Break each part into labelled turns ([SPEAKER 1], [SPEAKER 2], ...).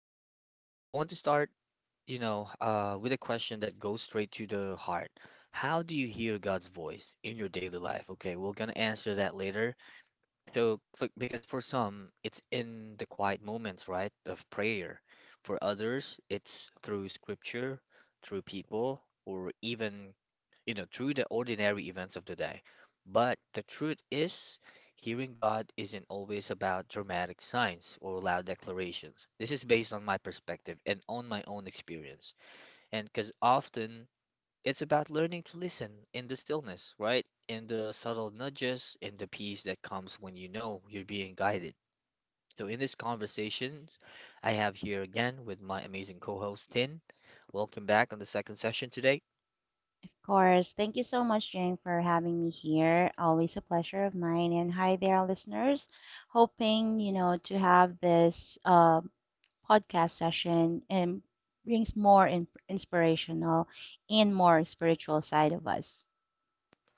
[SPEAKER 1] And I want to start, with a question that goes straight to the heart. How do you hear God's voice in your daily life? Okay, we're gonna answer that later. So, because for some, it's in the quiet moments, right, of prayer. For others, it's through scripture, through people, or even through the ordinary events of the day. But the truth is, hearing God isn't always about dramatic signs or loud declarations. This is based on my perspective and on my own experience. And because often it's about learning to listen in the stillness, right? In the subtle nudges, in the peace that comes when you know you're being guided. So, in this conversation, I have here again with my amazing co host, Tin. Welcome back on the second session today.
[SPEAKER 2] Course. Thank you so much, Jane, for having me here. Always a pleasure of mine. And hi there, listeners. Hoping, to have this podcast session and brings more inspirational and more spiritual side of us.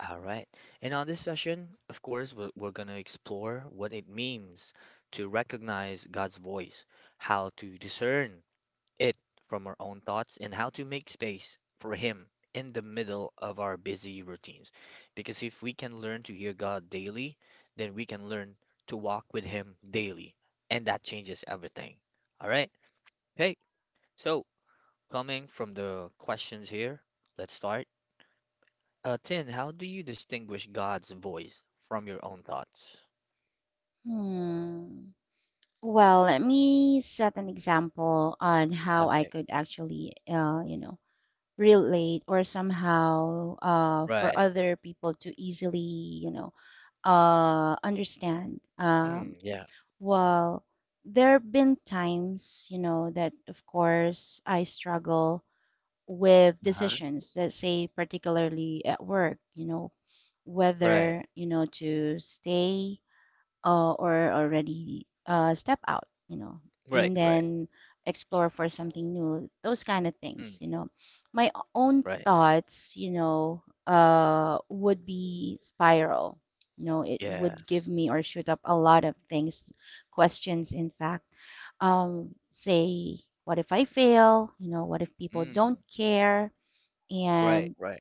[SPEAKER 1] All right. And on this session, of course, we're going to explore what it means to recognize God's voice, how to discern it from our own thoughts, and how to make space for Him in the middle of our busy routines. Because if we can learn to hear God daily, then we can learn to walk with Him daily. And that changes everything. All right. Hey, so coming from the questions here, let's start. Tin, how do you distinguish God's voice from your own thoughts?
[SPEAKER 2] Hmm. Well, let me set an example on how I
[SPEAKER 1] Okay,
[SPEAKER 2] could actually, relate or somehow for
[SPEAKER 1] right.
[SPEAKER 2] other people to easily, understand. Um,
[SPEAKER 1] Mm, yeah.
[SPEAKER 2] well, there have been times, that of course I struggle with
[SPEAKER 1] Uh-huh.
[SPEAKER 2] decisions. Let's say, particularly at work,
[SPEAKER 1] Right.
[SPEAKER 2] whether, to stay or already step out,
[SPEAKER 1] Right,
[SPEAKER 2] and
[SPEAKER 1] right.
[SPEAKER 2] then explore for something new, those kind of
[SPEAKER 1] Mm,
[SPEAKER 2] things. My own
[SPEAKER 1] right.
[SPEAKER 2] thoughts, would be spiral. It would give
[SPEAKER 1] Yes.
[SPEAKER 2] me or shoot up a lot of things, questions, in fact. Say, what if I fail? What if people
[SPEAKER 1] Mm,
[SPEAKER 2] don't care?
[SPEAKER 1] right,
[SPEAKER 2] And
[SPEAKER 1] right.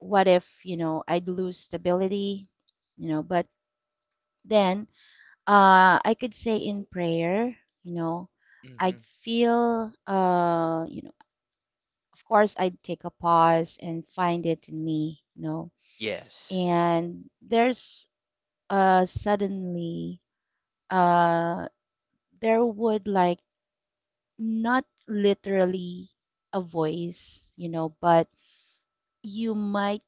[SPEAKER 2] what if, I'd lose stability? But then I could say in prayer, you know,
[SPEAKER 1] Mm-hmm.
[SPEAKER 2] I'd feel, of course, I'd take a pause and find it in me,
[SPEAKER 1] Yes.
[SPEAKER 2] and there's suddenly, uh, there would, like, not literally a voice, but you might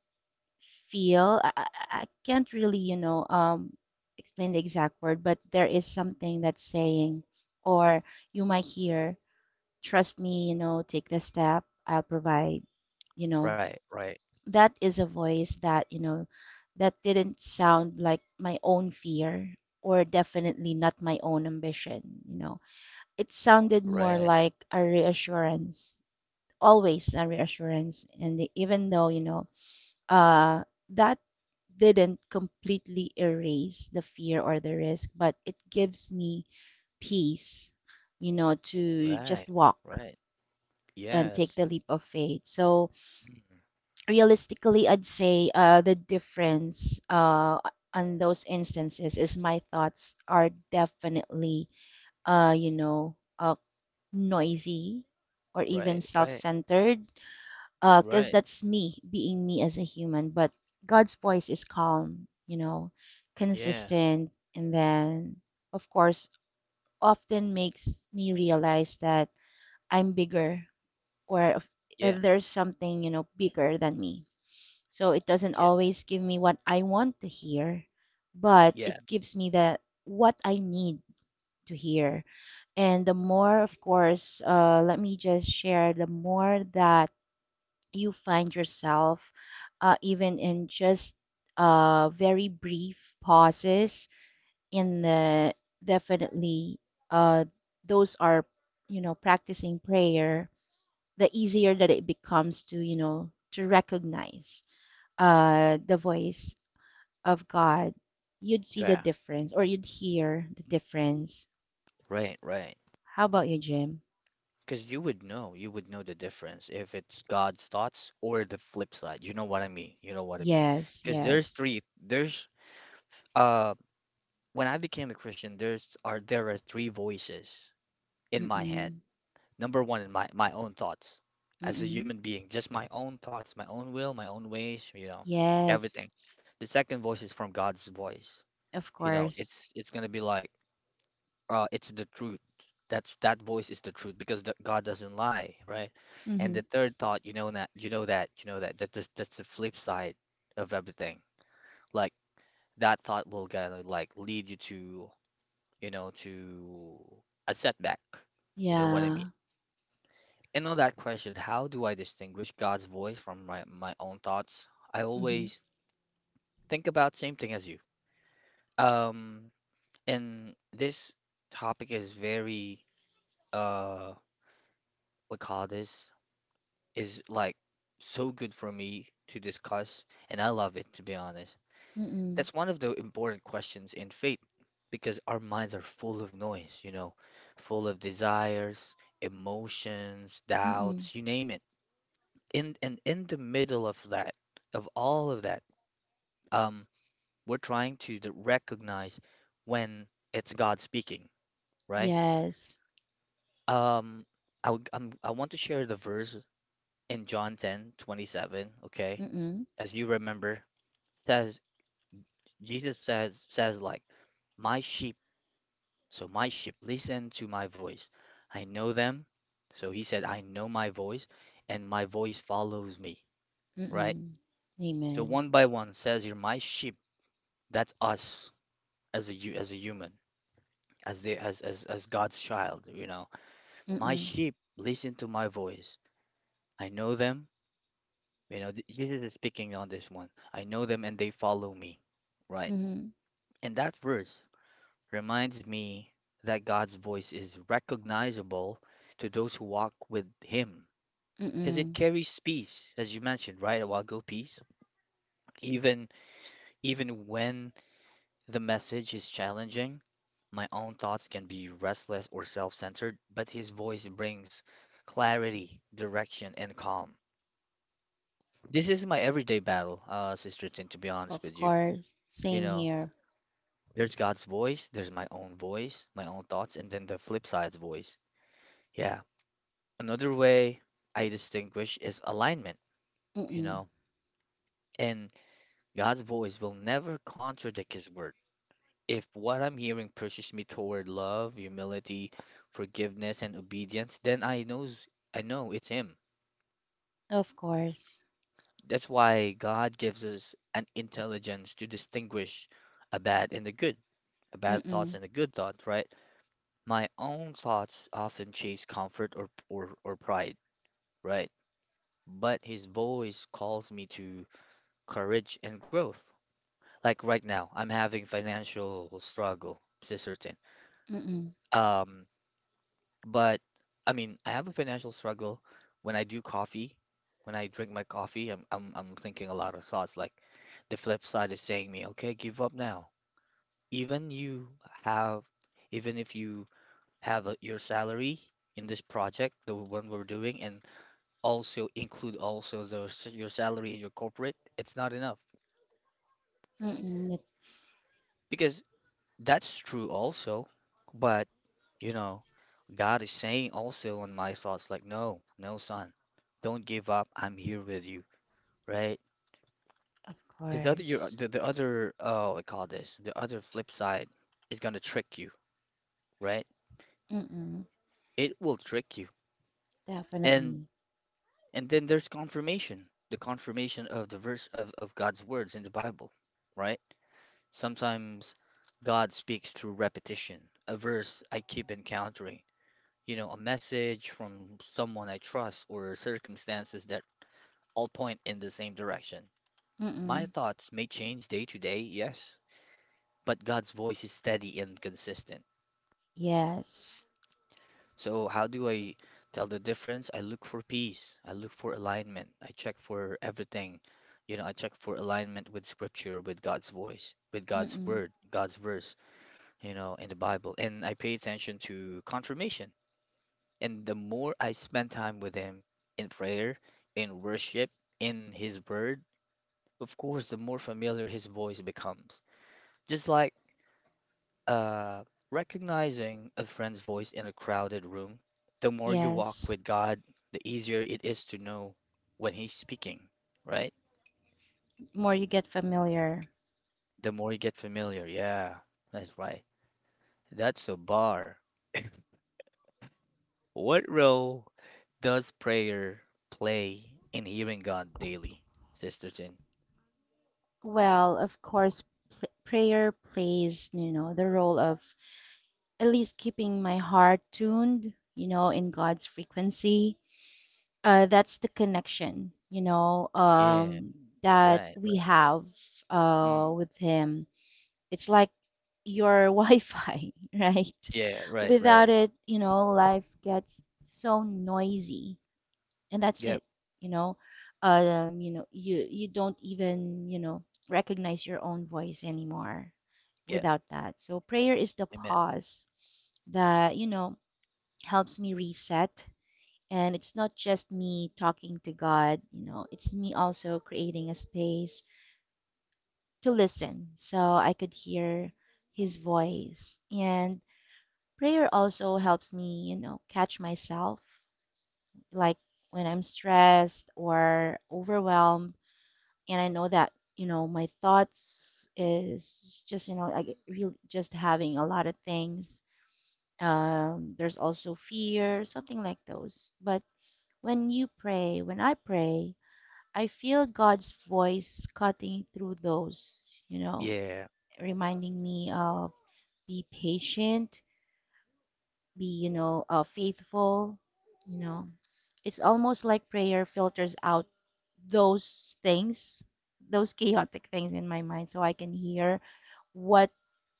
[SPEAKER 2] feel, I can't really, explain the exact word, but there is something that's saying, or you might hear, trust me, take the step, I'll provide, you know.
[SPEAKER 1] Right, right.
[SPEAKER 2] That is a voice that, that didn't sound like my own fear, or definitely not my own ambition, you know. It sounded more
[SPEAKER 1] Right,
[SPEAKER 2] like a reassurance, always a reassurance. And even though, uh, that didn't completely erase the fear or the risk, but it gives me peace, to
[SPEAKER 1] right,
[SPEAKER 2] just walk
[SPEAKER 1] right.
[SPEAKER 2] and take
[SPEAKER 1] Yes.
[SPEAKER 2] the leap of faith. So
[SPEAKER 1] Mm,
[SPEAKER 2] realistically, I'd say the difference on those instances is my thoughts are definitely, uh, you know, uh, noisy or even
[SPEAKER 1] right, right,
[SPEAKER 2] self-centered, because
[SPEAKER 1] right.
[SPEAKER 2] that's me being me as a human. But God's voice is calm,
[SPEAKER 1] Yes.
[SPEAKER 2] consistent, and then, of course, often makes me realize that I'm bigger, or if
[SPEAKER 1] Yeah,
[SPEAKER 2] there's something, bigger than me. So it doesn't
[SPEAKER 1] yes.
[SPEAKER 2] always give me what I want to hear, but it
[SPEAKER 1] Yeah,
[SPEAKER 2] gives me the what I need to hear. And the more, of course, let me just share, the more that you find yourself, even in just very brief pauses in the, definitely, uh, those are, practicing prayer, the easier that it becomes to, to recognize the voice of God, you'd see the
[SPEAKER 1] yeah.
[SPEAKER 2] difference or you'd hear the difference.
[SPEAKER 1] Right, right.
[SPEAKER 2] How about you, Jim?
[SPEAKER 1] Because you would know the difference if it's God's thoughts or the flip side. You know what I mean? You know what I mean?
[SPEAKER 2] Yes,
[SPEAKER 1] Because there's
[SPEAKER 2] yes.
[SPEAKER 1] three, there's uh when I became a Christian, there are three voices in my head.
[SPEAKER 2] Mm-mm,
[SPEAKER 1] Number one in my own thoughts as a
[SPEAKER 2] mm-mm.
[SPEAKER 1] human being, just my own thoughts, my own will, my own ways, you know,
[SPEAKER 2] Yes,
[SPEAKER 1] everything. The second voice is from God's voice.
[SPEAKER 2] of
[SPEAKER 1] You know,
[SPEAKER 2] course.
[SPEAKER 1] it's it's gonna be like, it's the truth. That voice is the truth because God doesn't lie, right? And
[SPEAKER 2] Mm-hmm.
[SPEAKER 1] the third thought, you know that, you know that, you know that, that's the flip side of everything. Like that thought will gonna like lead you to a setback. You know what I mean?
[SPEAKER 2] Yeah.
[SPEAKER 1] And on that question, how do I distinguish God's voice from my own thoughts? I
[SPEAKER 2] Mm-hmm.
[SPEAKER 1] always think about same thing as you. Um, and this topic is very, uh, we call this is like so good for me to discuss, and I love it, to be honest.
[SPEAKER 2] Mm-mm,
[SPEAKER 1] That's one of the important questions in faith because our minds are full of noise, full of desires, emotions,
[SPEAKER 2] mm-mm.
[SPEAKER 1] doubts, you name it. In the middle of that, of all of that, um, we're trying to recognize when it's God speaking, right?
[SPEAKER 2] Yes.
[SPEAKER 1] Um, I want to share the verse in John 10:27, okay?
[SPEAKER 2] Mm-mm,
[SPEAKER 1] As you remember, says Jesus says says like, my sheep my sheep, listen to my voice. I know them. So he said, I know my voice, and my voice follows me, right?
[SPEAKER 2] mm-mm.
[SPEAKER 1] So
[SPEAKER 2] Amen.
[SPEAKER 1] one by one says, you're my sheep. That's us as a human, as the as God's child. My
[SPEAKER 2] Mm-mm,
[SPEAKER 1] sheep listen to my voice. I know them. Jesus is speaking on this one, I know them and they follow me, right?
[SPEAKER 2] mm-hmm,
[SPEAKER 1] And that verse reminds me that God's voice is recognizable to those who walk with Him because it
[SPEAKER 2] mm-mm.
[SPEAKER 1] carries peace, as you mentioned, right, a while ago, peace. Even even when the message is challenging, my own thoughts can be restless or self-centered, but His voice brings clarity, direction, and calm. This is my everyday battle, Sister Tin, to be honest
[SPEAKER 2] Of
[SPEAKER 1] with you.
[SPEAKER 2] course.
[SPEAKER 1] You
[SPEAKER 2] Same
[SPEAKER 1] know,
[SPEAKER 2] here.
[SPEAKER 1] there's God's voice, there's my own voice, my own thoughts, and then the flip side's voice. Yeah. Another way I distinguish is alignment, you
[SPEAKER 2] Mm-mm.
[SPEAKER 1] know, and God's voice will never contradict His word. If what I'm hearing pushes me toward love, humility, forgiveness, and obedience, then I know it's Him.
[SPEAKER 2] Of course.
[SPEAKER 1] That's why God gives us an intelligence to distinguish a bad and a good, a bad thoughts
[SPEAKER 2] Mm,
[SPEAKER 1] and a good thoughts, right? My own thoughts often chase comfort or pride, right? But His voice calls me to courage and growth. Like right now, I'm having financial struggle, to certain.
[SPEAKER 2] mm,
[SPEAKER 1] Um, but I mean, I have a financial struggle when I do coffee. When I drink my coffee, I'm thinking a lot of thoughts. Like the flip side is saying me, okay, give up now. Even you have, even if you have your salary in this project, the one we're doing, and also include also those your salary in your corporate, it's not enough
[SPEAKER 2] mm, it
[SPEAKER 1] because that's true also, but you know, God is saying also on my thoughts like, no, no, son, don't give up. I'm here with you, right?
[SPEAKER 2] of
[SPEAKER 1] Because the other, your,
[SPEAKER 2] course.
[SPEAKER 1] the other, oh, I call this the other flip side is gonna trick you, right?
[SPEAKER 2] Mm,
[SPEAKER 1] It will trick you, and
[SPEAKER 2] definitely.
[SPEAKER 1] and then there's confirmation, the confirmation of the verse of God's words in the Bible, right? Sometimes God speaks through repetition, a verse I keep encountering, a message from someone I trust or circumstances that all point in the same direction. My
[SPEAKER 2] Mm,
[SPEAKER 1] thoughts may change day to day, yes, but God's voice is steady and consistent.
[SPEAKER 2] yes.
[SPEAKER 1] So, how do I tell the difference? I look for peace, I look for alignment, I check for everything. I check for alignment with scripture, with God's voice, with God's
[SPEAKER 2] Mm,
[SPEAKER 1] word, God's verse, in the Bible. And I pay attention to confirmation. And the more I spend time with Him in prayer, in worship, in His Word, of course, the more familiar His voice becomes. Just like, uh, recognizing a friend's voice in a crowded room, the more you walk
[SPEAKER 2] yes.
[SPEAKER 1] with God, the easier it is to know when He's speaking, right?
[SPEAKER 2] More you get familiar.
[SPEAKER 1] The more you get familiar. Yeah, that's right. That's a bar. What role does prayer play in hearing God daily, Sister Sin?
[SPEAKER 2] Well, of course, pl prayer plays, the role of at least keeping my heart tuned, in God's frequency. That's the connection,
[SPEAKER 1] Yeah.
[SPEAKER 2] that
[SPEAKER 1] Right,
[SPEAKER 2] we
[SPEAKER 1] right.
[SPEAKER 2] have
[SPEAKER 1] Mm.
[SPEAKER 2] with Him. It's like your Wi-Fi, right?
[SPEAKER 1] Yeah, right,
[SPEAKER 2] Without
[SPEAKER 1] right.
[SPEAKER 2] it, life gets so noisy, and that's it.
[SPEAKER 1] Yep,
[SPEAKER 2] You know, you don't even, recognize your own voice anymore
[SPEAKER 1] yep.
[SPEAKER 2] without that. So prayer is the
[SPEAKER 1] Amen.
[SPEAKER 2] pause that, helps me reset. And it's not just me talking to God, it's me also creating a space to listen, so I could hear his voice. And prayer also helps me, catch myself, like when I'm stressed or overwhelmed, and I know that, my thoughts is just, like really just having a lot of things. There's also fear, something like those. But when you pray, when I pray, I feel God's voice cutting through those,
[SPEAKER 1] Yeah,
[SPEAKER 2] reminding me of, be patient, be, faithful, you know. It's almost like prayer filters out those things, those chaotic things in my mind, so I can hear what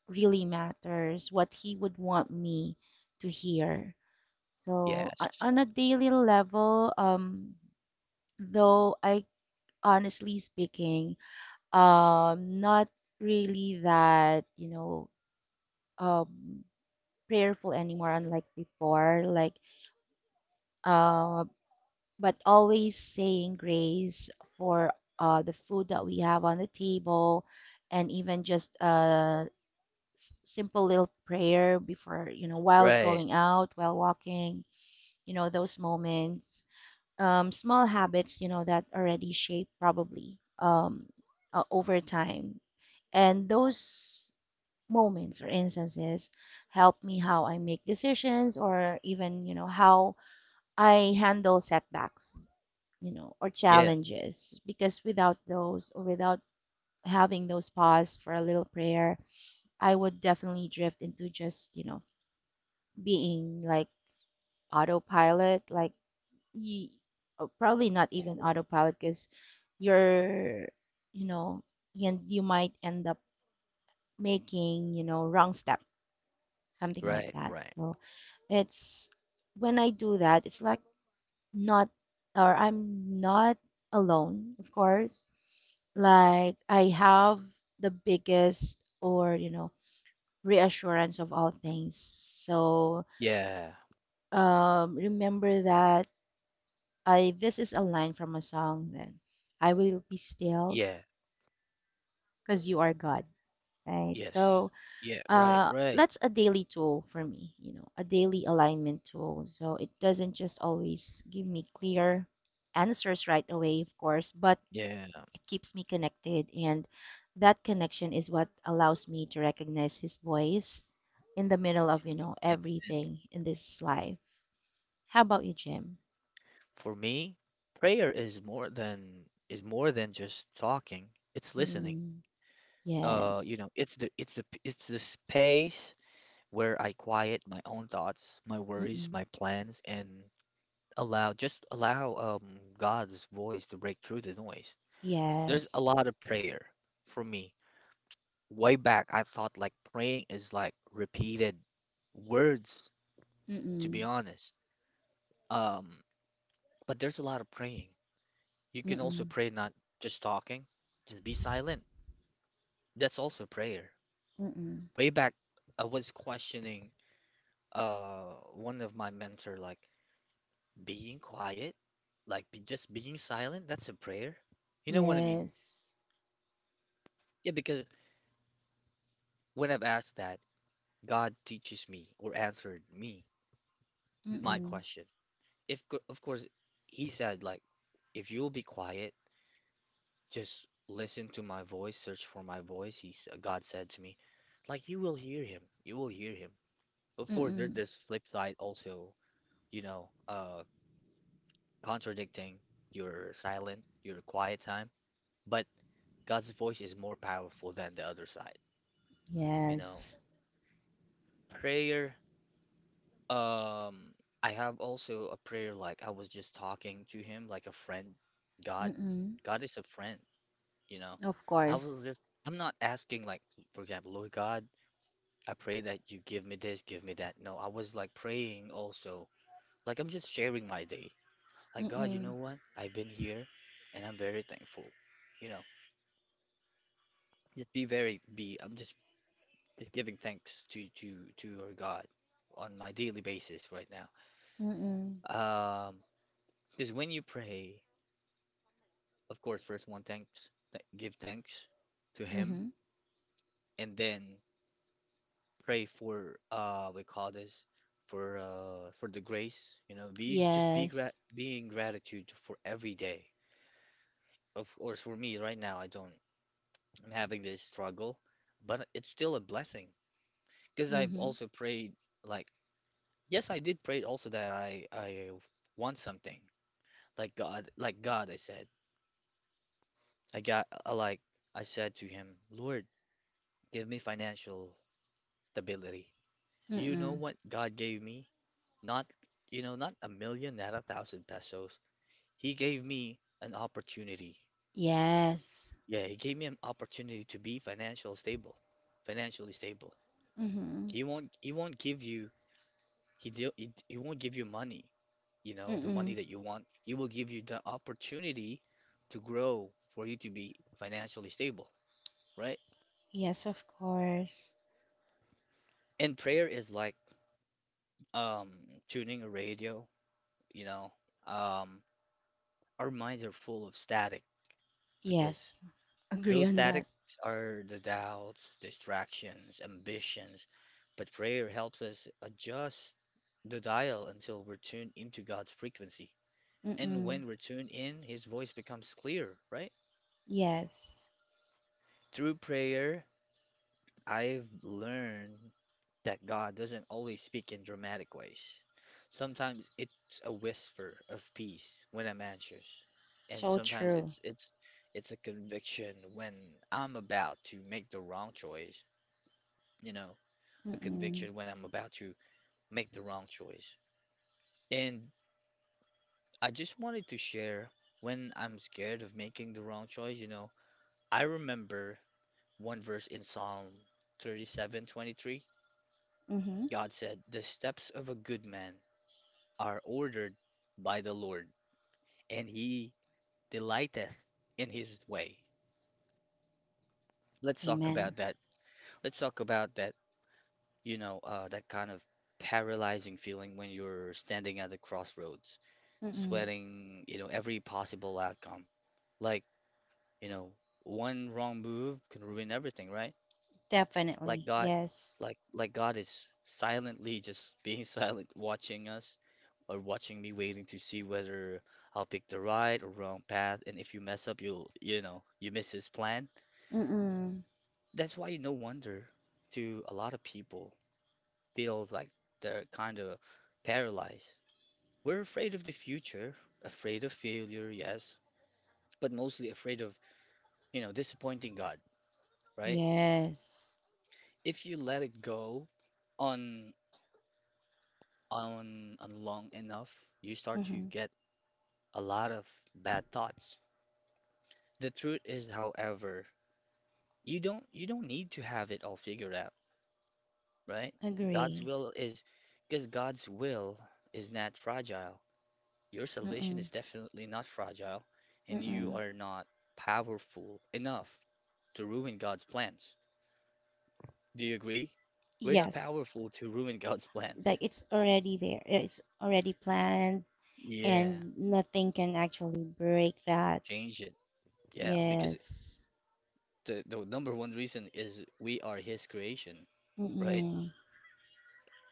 [SPEAKER 2] really matters, what He would want me to hear. So,
[SPEAKER 1] yes.
[SPEAKER 2] on a daily level, though I, honestly speaking, not really that, um, prayerful anymore, unlike before. Like, uh, but always saying grace for the food that we have on the table, and even just a simple little prayer before, while
[SPEAKER 1] Right.
[SPEAKER 2] going out, while walking, those moments. Small habits, that already shape, probably, over time. And those moments or instances help me how I make decisions, or even, how I handle setbacks, or
[SPEAKER 1] Yes,
[SPEAKER 2] challenges, because without those, or without having those pause for a little prayer, I would definitely drift into just, being like autopilot, like y oh, probably not even autopilot, because you're, you know, and you might end up making, wrong step, something like
[SPEAKER 1] right,
[SPEAKER 2] that.
[SPEAKER 1] right.
[SPEAKER 2] So it's, when I do that, it's like, not, or I'm not alone, of course. Like I have the biggest, or, reassurance of all things. So,
[SPEAKER 1] Yeah,
[SPEAKER 2] remember that I this is a line from a song, then I will be still
[SPEAKER 1] yeah,
[SPEAKER 2] because you are God. Right.
[SPEAKER 1] yes.
[SPEAKER 2] So
[SPEAKER 1] Yeah, right, right.
[SPEAKER 2] that's a daily tool for me, a daily alignment tool. So it doesn't just always give me clear answers right away, of course, but
[SPEAKER 1] Yeah.
[SPEAKER 2] keeps me connected. And that connection is what allows me to recognize his voice in the middle of,
[SPEAKER 1] Amen.
[SPEAKER 2] everything in this life. How about you, Jim?
[SPEAKER 1] For me, prayer is more than just talking. It's listening.
[SPEAKER 2] Mm, yes.
[SPEAKER 1] It's the space where I quiet my own thoughts, my worries,
[SPEAKER 2] Mm-mm.
[SPEAKER 1] my plans, and allow God's voice to break through the noise. There's a
[SPEAKER 2] Yes.
[SPEAKER 1] lot of prayer for me. Way back, I thought like praying is like repeated words, to be
[SPEAKER 2] Mm-mm.
[SPEAKER 1] honest. Um, but there's a lot of praying. You can also
[SPEAKER 2] Mm-mm.
[SPEAKER 1] pray not just talking, just be silent. That's also prayer.
[SPEAKER 2] Mm-mm.
[SPEAKER 1] Way back, I was questioning one of my mentor like being quiet, like just being silent. That's a prayer. You know what I mean?
[SPEAKER 2] Yes.
[SPEAKER 1] Yeah, because when I've asked that, God teaches me or answered me my
[SPEAKER 2] Mm-mm.
[SPEAKER 1] question. If co- of course he said like if you'll be quiet, just listen to my voice, search for my voice, God said to me, like you will hear him. You will hear him. Of course there's
[SPEAKER 2] Mm-mm.
[SPEAKER 1] this flip side also, you know, uh contradicting your silent, your quiet time, but God's voice is more powerful than the other side, you know.
[SPEAKER 2] Yes.
[SPEAKER 1] Prayer Um, I have also a prayer like I was just talking to him like a friend. God,
[SPEAKER 2] Mm-mm.
[SPEAKER 1] God is a friend, you know.
[SPEAKER 2] Of
[SPEAKER 1] I was
[SPEAKER 2] course.
[SPEAKER 1] just I'm not asking like for example, Lord God, I pray that you give me this, give me that. No, I was like praying also. Like I'm just sharing my day. Like God, you
[SPEAKER 2] Mm-mm.
[SPEAKER 1] know what? I've been here and I'm very thankful. You know, just be very be I'm just giving thanks to your God on my daily basis right now.
[SPEAKER 2] Mm-mm.
[SPEAKER 1] Um, because when you pray of course, first one thanks, th give thanks to him,
[SPEAKER 2] Mm-hmm.
[SPEAKER 1] and then pray for we call this for the grace, you know, be just be grat
[SPEAKER 2] Yes.
[SPEAKER 1] being gratitude for every day. Of course, for me right now, I don't. I'm having this struggle, but it's still a blessing because I've
[SPEAKER 2] Mm-hmm.
[SPEAKER 1] also prayed like yes, I did pray also that I want something like God, like God. I said I got like I said to him, Lord, give me financial stability. You know
[SPEAKER 2] Mm-mm.
[SPEAKER 1] what God gave me? Not, not a million, not a thousand pesos. He gave me an opportunity.
[SPEAKER 2] Yes.
[SPEAKER 1] Yeah, he gave me an opportunity to be financial stable, financially stable.
[SPEAKER 2] Mm-hmm.
[SPEAKER 1] He won't give you, he won't give you money, you know, the money
[SPEAKER 2] Mm-mm.
[SPEAKER 1] that you want. He will give you the opportunity to grow for you to be financially stable, right?
[SPEAKER 2] Yes, of course.
[SPEAKER 1] And prayer is like um tuning a radio, you know. Um, our minds are full of static because
[SPEAKER 2] Yes. Agree
[SPEAKER 1] those
[SPEAKER 2] on that.
[SPEAKER 1] statics are the doubts, distractions, ambitions, but prayer helps us adjust the dial until we're tuned into God's frequency. And
[SPEAKER 2] Mm-mm.
[SPEAKER 1] when we're tuned in, His voice becomes clear, right?
[SPEAKER 2] Yes.
[SPEAKER 1] Through prayer, I've learned that God doesn't always speak in dramatic ways. Sometimes it's a whisper of peace when I'm anxious, and
[SPEAKER 2] So
[SPEAKER 1] sometimes
[SPEAKER 2] true.
[SPEAKER 1] it's it's it's a conviction when I'm about to make the wrong choice. you know, a
[SPEAKER 2] Mm-mm.
[SPEAKER 1] conviction when I'm about to make the wrong choice. And I just wanted to share when I'm scared of making the wrong choice, you know, I remember one verse in Psalm 37:23.
[SPEAKER 2] Mm-hmm.
[SPEAKER 1] God said, "The steps of a good man are ordered by the Lord, and he delighteth in his way." Let's talk about
[SPEAKER 2] Amen.
[SPEAKER 1] that. Let's talk about that, you know, that kind of paralyzing feeling when you're standing at the crossroads
[SPEAKER 2] Mm-mm.
[SPEAKER 1] sweating, you know, every possible outcome. Like, you know, one wrong move can ruin everything, right? Like
[SPEAKER 2] Definitely.
[SPEAKER 1] God,
[SPEAKER 2] Yes.
[SPEAKER 1] like God is silently just being silent, watching us or watching me, waiting to see whether I'll pick the right or wrong path. And if you mess up, you'll, you know, you miss his plan.
[SPEAKER 2] Mm-mm.
[SPEAKER 1] That's why no wonder to a lot of people feels like they're kind of paralyzed. We're afraid of the future, afraid of failure, yes, but mostly afraid of you know, disappointing God, right?
[SPEAKER 2] Yes.
[SPEAKER 1] If you let it go on on long enough, you start to
[SPEAKER 2] Mm-hmm.
[SPEAKER 1] get a lot of bad thoughts. The truth is, however, you don't need to have it all figured out, right? God's
[SPEAKER 2] Agree.
[SPEAKER 1] will is because God's will is not fragile. Your salvation
[SPEAKER 2] Mm-mm.
[SPEAKER 1] is definitely not fragile, and you
[SPEAKER 2] Mm-mm.
[SPEAKER 1] are not powerful enough to ruin God's plans. Do you agree? We're not
[SPEAKER 2] Yes.
[SPEAKER 1] powerful to ruin God's plans.
[SPEAKER 2] Like it's already there. It's already planned,
[SPEAKER 1] Yeah.
[SPEAKER 2] and nothing can actually break that.
[SPEAKER 1] Change it. Yeah, because
[SPEAKER 2] Yes.
[SPEAKER 1] the number one reason is we are his creation, right?
[SPEAKER 2] Mm-mm.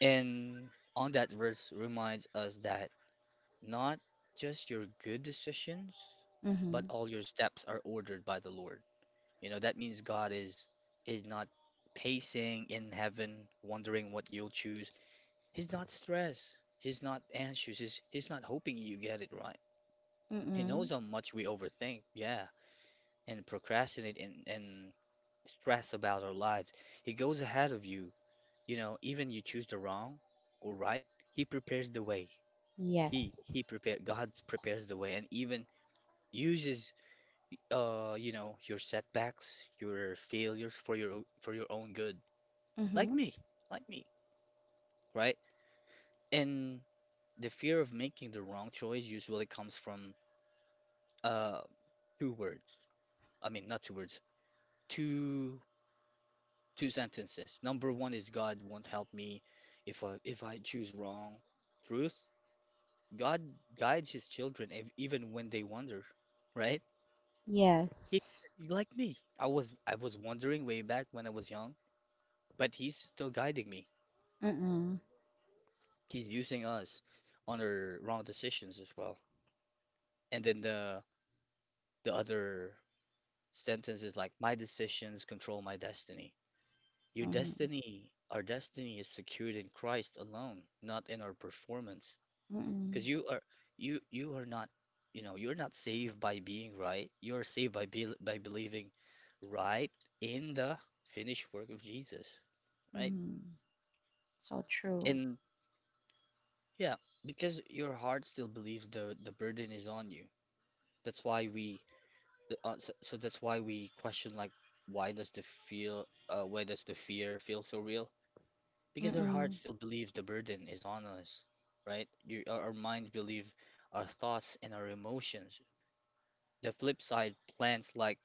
[SPEAKER 1] And on that verse reminds us that not just your good decisions,
[SPEAKER 2] Mm-hmm.
[SPEAKER 1] but all your steps are ordered by the Lord. You know, that means God is not pacing in heaven, wondering what you'll choose. He's not stressed. He's not anxious. He's not hoping you get it right. He
[SPEAKER 2] Mm-mm.
[SPEAKER 1] knows how much we overthink, yeah, and procrastinate and stress about our lives. He goes ahead of you. You know, even you choose the wrong or right, he prepares the way. He
[SPEAKER 2] Yes.
[SPEAKER 1] prepare God prepares the way and even uses you know your setbacks, your failures for for your own good. Like
[SPEAKER 2] Mm-hmm.
[SPEAKER 1] me, like me, right? And the fear of making the wrong choice usually comes from uh two words. I mean, not two words. Two two sentences. Number one is God won't help me if I choose wrong. Truth, God guides his children even when they wander, right? He
[SPEAKER 2] Yes.
[SPEAKER 1] like me. I was wandering way back when I was young, but he's still guiding me.
[SPEAKER 2] Mm-mm.
[SPEAKER 1] He's using us on our wrong decisions as well. And then the other sentence is like my decisions control my destiny. Your
[SPEAKER 2] Mm-hmm.
[SPEAKER 1] destiny, our destiny is secured in Christ alone, not in our performance. Because
[SPEAKER 2] Mm-mm.
[SPEAKER 1] you are not, you know, you're not saved by being right. You're saved by be by believing right in the finished work of Jesus, right?
[SPEAKER 2] Mm-hmm. So true.
[SPEAKER 1] And yeah, because your heart still believes the burden is on you. That's why we so that's why we question like why does the fear feel so real? Because our heart
[SPEAKER 2] Mm-mm.
[SPEAKER 1] still believes the burden is on us, right? Our minds believe our thoughts and our emotions. The flip side plants like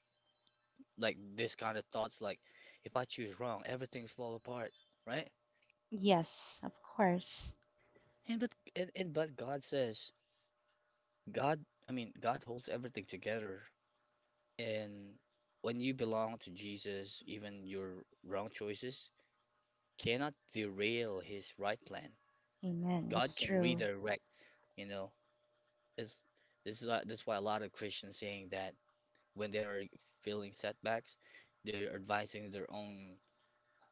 [SPEAKER 1] this kind of thoughts like if I choose wrong, everything's fall apart, right?
[SPEAKER 2] Yes, of course.
[SPEAKER 1] And but God says God, I mean God holds everything together. And when you belong to Jesus, even your wrong choices cannot derail his right plan.
[SPEAKER 2] Amen.
[SPEAKER 1] God
[SPEAKER 2] That's
[SPEAKER 1] can
[SPEAKER 2] true.
[SPEAKER 1] redirect, you know. It's this is why- that's why a lot of Christians saying that when they are feeling setbacks, they're advising their own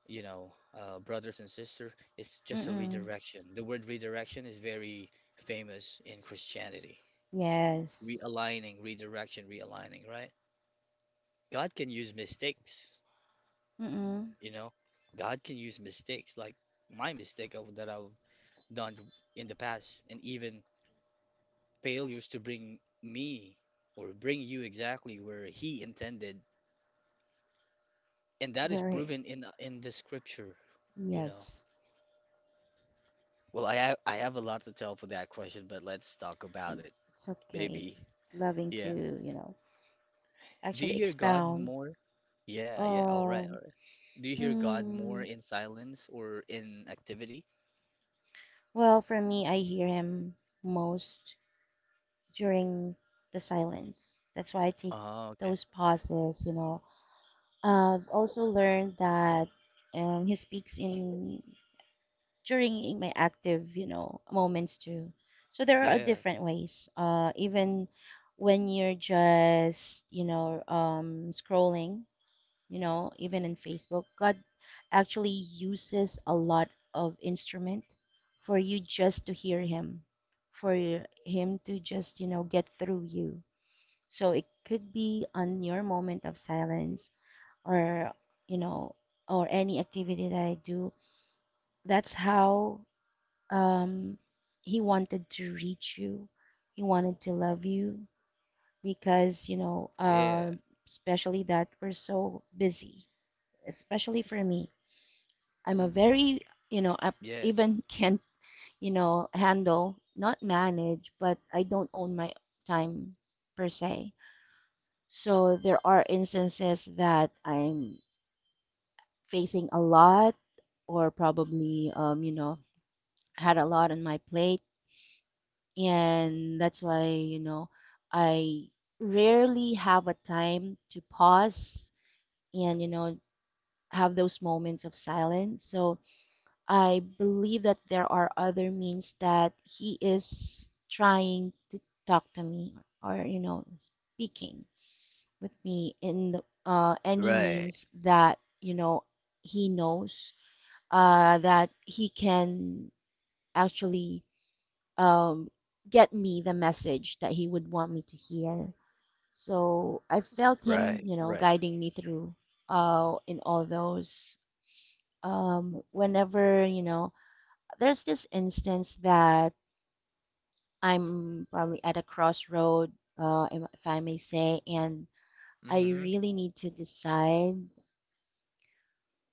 [SPEAKER 1] you know, brothers and sisters, it's just a
[SPEAKER 2] Mm-mm.
[SPEAKER 1] redirection. The word redirection is very famous in Christianity.
[SPEAKER 2] Yes.
[SPEAKER 1] Realigning, redirection, realigning, right? God can use mistakes,
[SPEAKER 2] Mm-mm.
[SPEAKER 1] you know. God can use mistakes like that I've done in the past and even failures to bring me or bring you exactly where he intended. And that is
[SPEAKER 2] Very.
[SPEAKER 1] proven in the scripture, you know.
[SPEAKER 2] Yes.
[SPEAKER 1] Well, I have a lot to tell for that question, but let's talk about
[SPEAKER 2] And
[SPEAKER 1] it.
[SPEAKER 2] it's okay.
[SPEAKER 1] Baby.
[SPEAKER 2] Loving to,
[SPEAKER 1] Yeah. Do you
[SPEAKER 2] actually
[SPEAKER 1] hear God
[SPEAKER 2] expound.
[SPEAKER 1] more? Yeah, yeah. All right, all
[SPEAKER 2] Oh,
[SPEAKER 1] right. Do you hear God more
[SPEAKER 2] mm.
[SPEAKER 1] in silence or in activity?
[SPEAKER 2] Well, for me, I hear him most during the silence. That's why I take
[SPEAKER 1] Oh, okay.
[SPEAKER 2] those pauses. I've also learned that, he speaks in, during my active, moments too. So there are
[SPEAKER 1] Yeah.
[SPEAKER 2] different ways. Even when you're just, scrolling, even in Facebook, God actually uses a lot of instrument for you just to hear Him, for Him to just, get through you. So it could be on your moment of silence, or, you know or any activity that I do. That's how, um, he wanted to reach you. He wanted to love you, because,
[SPEAKER 1] Yeah.
[SPEAKER 2] especially that we're so busy. Especially for me, I'm a
[SPEAKER 1] Hmm.
[SPEAKER 2] very, you know I
[SPEAKER 1] Yeah.
[SPEAKER 2] even can't, handle, not manage, but I don't own my time per se. So there are instances that I'm facing a lot, or probably, you know, had a lot on my plate, and that's why, you know I rarely have a time to pause, and, have those moments of silence. So I believe that there are other means that he is trying to talk to me, or, speaking with me, in the, any
[SPEAKER 1] Right.
[SPEAKER 2] means that, he knows that he can actually, um, get me the message that he would want me to hear. So I felt him,
[SPEAKER 1] Right. Right.
[SPEAKER 2] guiding me through in all those. Whenever, there's this instance that I'm probably at a crossroad, if I may say, and I
[SPEAKER 1] Hmm.
[SPEAKER 2] really need to decide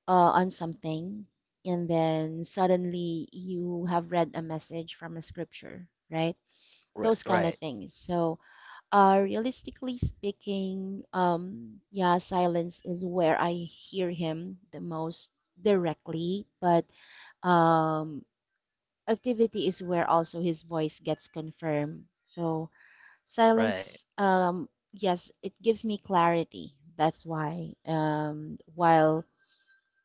[SPEAKER 2] on something, and then suddenly you have read a message from a scripture, right,
[SPEAKER 1] Right.
[SPEAKER 2] those kind of
[SPEAKER 1] Right.
[SPEAKER 2] things. So, realistically speaking, yeah, silence is where I hear him the most directly, but, um, activity is where also his voice gets confirmed. So
[SPEAKER 1] Right.
[SPEAKER 2] silence, yes, it gives me clarity. That's why, while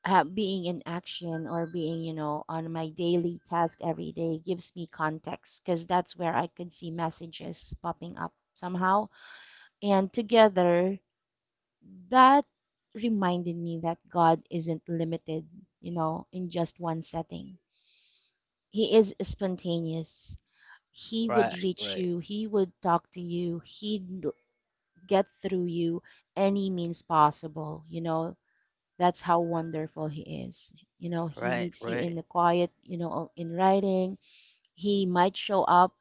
[SPEAKER 2] being in action, or being, on my daily task every day, gives me context, because that's where I could see messages popping up somehow. And together, that reminded me that God isn't limited, in just one setting. He is spontaneous. He would
[SPEAKER 1] Right,
[SPEAKER 2] reach
[SPEAKER 1] right.
[SPEAKER 2] you, he would talk to you, he'd get through you any means possible, that's how wonderful he is. You know, he
[SPEAKER 1] Right.
[SPEAKER 2] meets you in
[SPEAKER 1] Right.
[SPEAKER 2] the quiet, in writing. He might show up,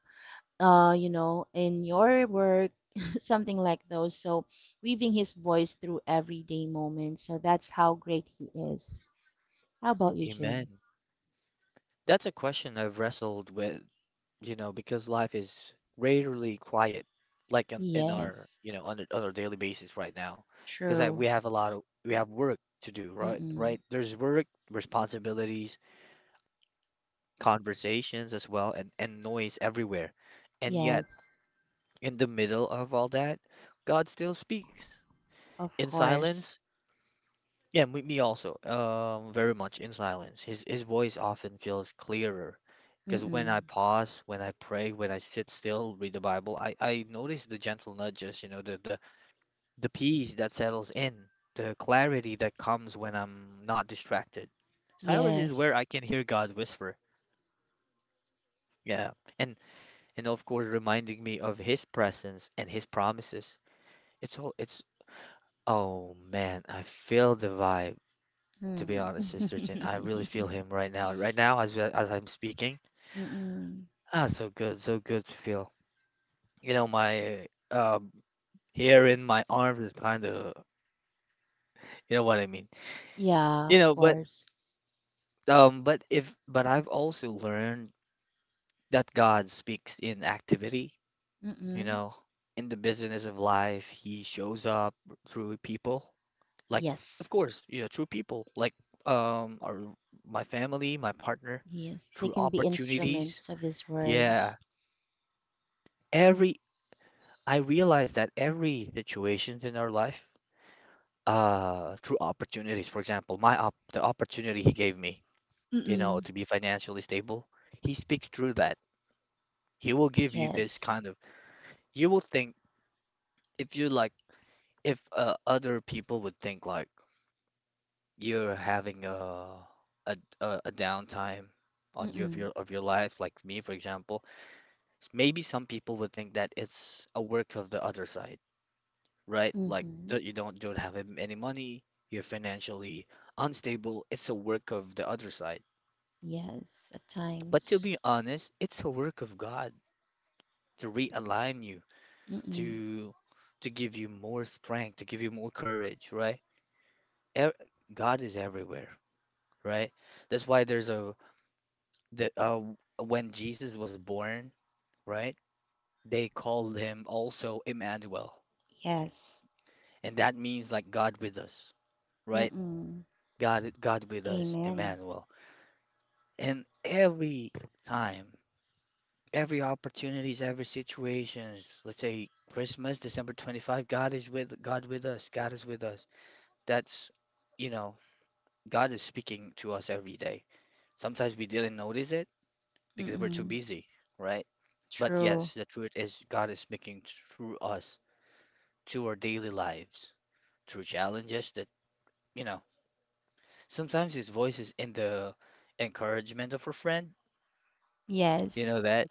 [SPEAKER 2] you know, in your work, something like those. So, weaving his voice through everyday moments. So, that's how great he is. How about you, Jim?
[SPEAKER 1] Amen. That's a question I've wrestled with, you know, because life is rarely quiet, like
[SPEAKER 2] Yes,
[SPEAKER 1] you know, on our daily basis right now, because
[SPEAKER 2] true.
[SPEAKER 1] we have a lot of we have work to do, right? Right?
[SPEAKER 2] Mm-mm.
[SPEAKER 1] There's work, responsibilities, conversations as well, and noise everywhere, and yet
[SPEAKER 2] Yes,
[SPEAKER 1] in the middle of all that, God still speaks
[SPEAKER 2] of
[SPEAKER 1] in
[SPEAKER 2] course.
[SPEAKER 1] silence. Yeah, me also. Very much in silence. His voice often feels clearer, because when I
[SPEAKER 2] Mm-mm.
[SPEAKER 1] pause, when I pray, when I sit still, read the Bible, I notice the gentle nudges. You know, the the peace that settles in, the clarity that comes when I'm not distracted. Silence is where
[SPEAKER 2] Yes.
[SPEAKER 1] I can hear God whisper. Yeah, and of course, reminding me of His presence and His promises. It's all. It's oh man, I feel the vibe. To be
[SPEAKER 2] Mm.
[SPEAKER 1] honest, Sister, I really feel him right now. Right now, as as I'm speaking,
[SPEAKER 2] Mm-mm.
[SPEAKER 1] ah, so good, so good to feel. You know, my hair in my arms is kind of, you know what I mean.
[SPEAKER 2] Yeah,
[SPEAKER 1] You
[SPEAKER 2] of
[SPEAKER 1] know,
[SPEAKER 2] course.
[SPEAKER 1] but if but I've also learned that God speaks in activity. You
[SPEAKER 2] Mm-mm.
[SPEAKER 1] know, in the business of life, He shows up through people. Like, of
[SPEAKER 2] Yes.
[SPEAKER 1] course, you know, through people like our my family, my partner,
[SPEAKER 2] Yes. They
[SPEAKER 1] through
[SPEAKER 2] can be
[SPEAKER 1] opportunities.
[SPEAKER 2] instruments of his
[SPEAKER 1] Yeah,
[SPEAKER 2] words.
[SPEAKER 1] every I realized that every situations in our life, through opportunities, for example, my op the opportunity he gave me, you know,
[SPEAKER 2] Mm-mm.
[SPEAKER 1] to be financially stable, he speaks through that. He will give you this
[SPEAKER 2] Yes.
[SPEAKER 1] kind of, you will think if you like, if other people would think like you're having a downtime on your of
[SPEAKER 2] Mm-mm.
[SPEAKER 1] your life, like me, for example, maybe some people would think that it's a work of the other side. Right? Like do
[SPEAKER 2] Mm-hmm.
[SPEAKER 1] you don't have any money, you're financially unstable. It's a work of the other side.
[SPEAKER 2] Yes. At
[SPEAKER 1] But to
[SPEAKER 2] times.
[SPEAKER 1] be honest, it's a work of God to realign you,
[SPEAKER 2] Mm-mm.
[SPEAKER 1] to give you more strength, to give you more courage, right? Ev- God is everywhere, right? That's why there's a the when Jesus was born, right? They called him also Emmanuel,
[SPEAKER 2] Yes.
[SPEAKER 1] and that means like God with us, right?
[SPEAKER 2] Mm-mm.
[SPEAKER 1] God with us,
[SPEAKER 2] Amen.
[SPEAKER 1] Emmanuel. And every time, every opportunities, every situations, let's say Christmas, December 25, God with us. God is with us. That's, you know, God is speaking to us every day. Sometimes we didn't notice it because we're too
[SPEAKER 2] Mm-mm.
[SPEAKER 1] busy, right? But
[SPEAKER 2] True.
[SPEAKER 1] yes, the truth is God is speaking through us to our daily lives, through challenges that, you know, sometimes his voice is in the encouragement of a friend. You know
[SPEAKER 2] Yes.
[SPEAKER 1] that?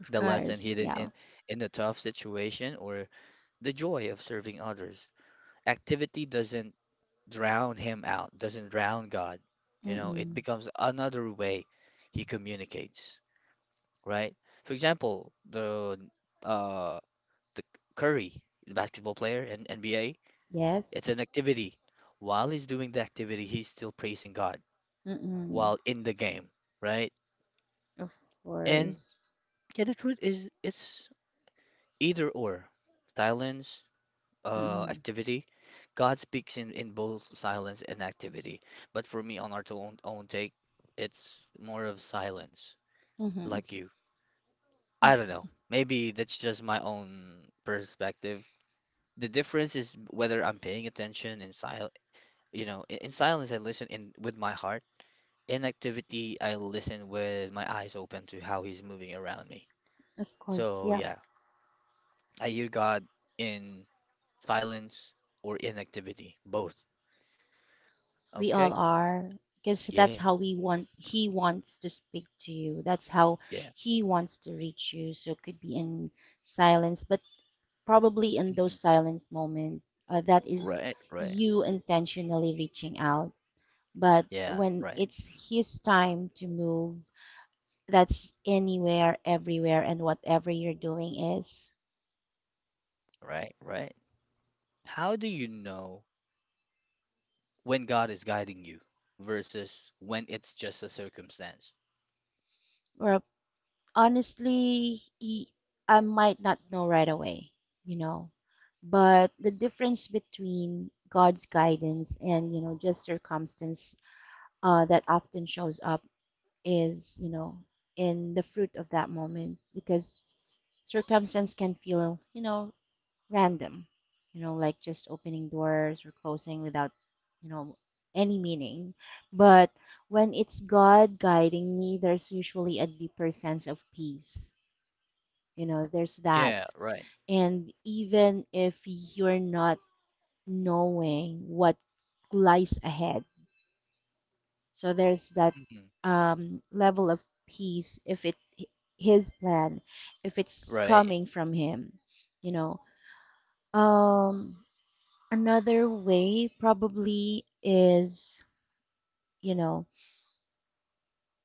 [SPEAKER 2] Of
[SPEAKER 1] The lesson
[SPEAKER 2] course.
[SPEAKER 1] hidden
[SPEAKER 2] Yeah.
[SPEAKER 1] in a tough situation, or the joy of serving others. Activity doesn't drown him out, doesn't drown God. You know, it
[SPEAKER 2] Mm-mm.
[SPEAKER 1] becomes another way he communicates, right? For example, uh the Curry, the basketball player in NBA, it's
[SPEAKER 2] Yes.
[SPEAKER 1] an activity. While he's doing the activity, he's still praising God
[SPEAKER 2] Mm-mm.
[SPEAKER 1] while in the game, right?
[SPEAKER 2] Of
[SPEAKER 1] And
[SPEAKER 2] course.
[SPEAKER 1] yeah, the truth is it's either or. Silence,
[SPEAKER 2] Mm-mm.
[SPEAKER 1] activity. God speaks in both silence and activity. But for me, on our own, own take, it's more of silence,
[SPEAKER 2] Mm-hmm.
[SPEAKER 1] like you. I don't know. Maybe that's just my own perspective. The difference is whether I'm paying attention you know, in silence I listen in with my heart. In activity, I listen with my eyes open to how he's moving around me.
[SPEAKER 2] Of course.
[SPEAKER 1] So
[SPEAKER 2] Yeah.
[SPEAKER 1] yeah, I hear God in silence or inactivity, both.
[SPEAKER 2] We all
[SPEAKER 1] Okay?
[SPEAKER 2] are, because that's
[SPEAKER 1] Yeah.
[SPEAKER 2] how we want, he wants to speak to you. That's how
[SPEAKER 1] Yeah.
[SPEAKER 2] he wants to reach you. So it could be in silence, but probably in those
[SPEAKER 1] Mhm.
[SPEAKER 2] silence moments, that is
[SPEAKER 1] Right, right.
[SPEAKER 2] you intentionally reaching out. But
[SPEAKER 1] Yeah,
[SPEAKER 2] when
[SPEAKER 1] right,
[SPEAKER 2] it's his time to move, that's anywhere, everywhere, and whatever you're doing is.
[SPEAKER 1] right, right. How do you know when God is guiding you versus when it's just a circumstance?
[SPEAKER 2] Or honestly, y- I might not know right away, you know, but the difference between God's guidance and, you know, just circumstance that often shows up is, you know, in the fruit of that moment because circumstance can feel, you know, random, you know, like just opening doors or closing without, you know, any meaning. But when it's God guiding me, there's usually a deeper sense of peace, you know, there's that.
[SPEAKER 1] Yeah, right.
[SPEAKER 2] And even if you're not knowing what lies ahead, so there's that
[SPEAKER 1] hmm
[SPEAKER 2] level of peace if it his plan, if it's
[SPEAKER 1] Right,
[SPEAKER 2] coming from him, you know. Um, Another way probably is, you know,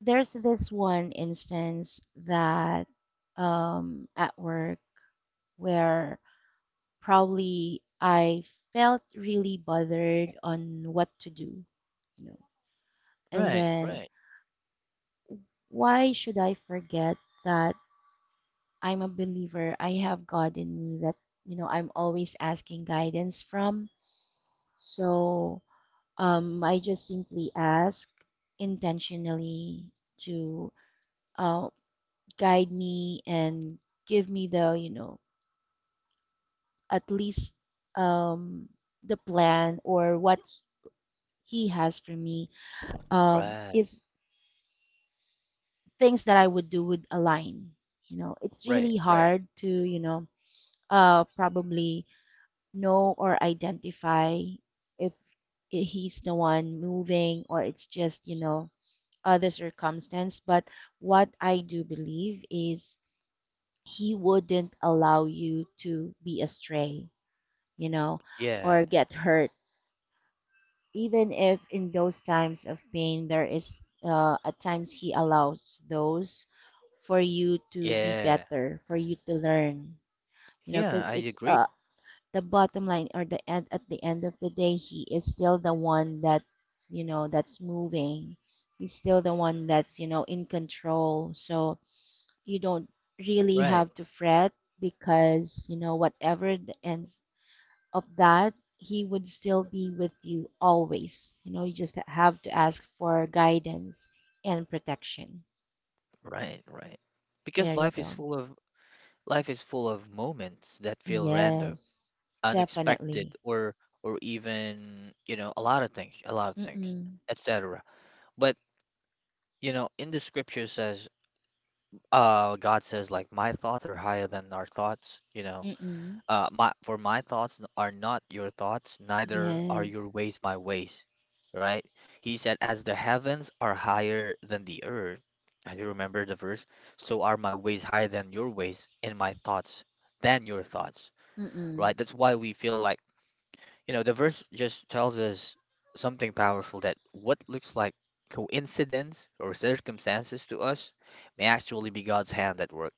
[SPEAKER 2] there's this one instance that at work where probably I felt really bothered on what to do, you know. And
[SPEAKER 1] right,
[SPEAKER 2] then
[SPEAKER 1] right,
[SPEAKER 2] why should I forget that I'm a believer? I have God in me that, you know, I'm always asking guidance from. So I just simply ask intentionally to uh, guide me and give me the, you know, at least um, the plan or what he has for me
[SPEAKER 1] right,
[SPEAKER 2] is things that I would do would align. You know, it's
[SPEAKER 1] right,
[SPEAKER 2] really
[SPEAKER 1] right.
[SPEAKER 2] hard to, you know, probably know or identify if he's the one moving or it's just, you know, other circumstance. But what I do believe is he wouldn't allow you to be astray, you know, or
[SPEAKER 1] Yeah,
[SPEAKER 2] get hurt even if in those times of pain there is at times he allows those for you to be
[SPEAKER 1] yeah,
[SPEAKER 2] better for you to learn, you know, because
[SPEAKER 1] yeah, I
[SPEAKER 2] it's
[SPEAKER 1] agree.
[SPEAKER 2] uh the bottom line or the end at the end of the day he is still the one that, you know, that's moving. He's still the one that's, you know, in control, so you don't really
[SPEAKER 1] Right,
[SPEAKER 2] have to fret because you know whatever the ends of that, He would still be with you always. You know, you just have to ask for guidance and protection.
[SPEAKER 1] right.
[SPEAKER 2] There
[SPEAKER 1] Because
[SPEAKER 2] you go.
[SPEAKER 1] life is full of moments that feel random,
[SPEAKER 2] Yes,
[SPEAKER 1] unexpected,
[SPEAKER 2] definitely.
[SPEAKER 1] or even, you know, a lot of things, a lot of things,
[SPEAKER 2] Mm-mm.
[SPEAKER 1] etc. But you know, in the scripture says, God says, like, my thoughts are higher than our thoughts, you know.
[SPEAKER 2] Mm-mm.
[SPEAKER 1] My thoughts are not your thoughts, neither are your
[SPEAKER 2] Yes.
[SPEAKER 1] ways my ways, right? He said, as the heavens are higher than the earth, I do remember the verse, so are my ways higher than your ways, and my thoughts than your thoughts,
[SPEAKER 2] Mm-mm.
[SPEAKER 1] right? That's why we feel like, you know, the verse just tells us something powerful, that what looks like coincidence or circumstances to us may actually be God's hand at work,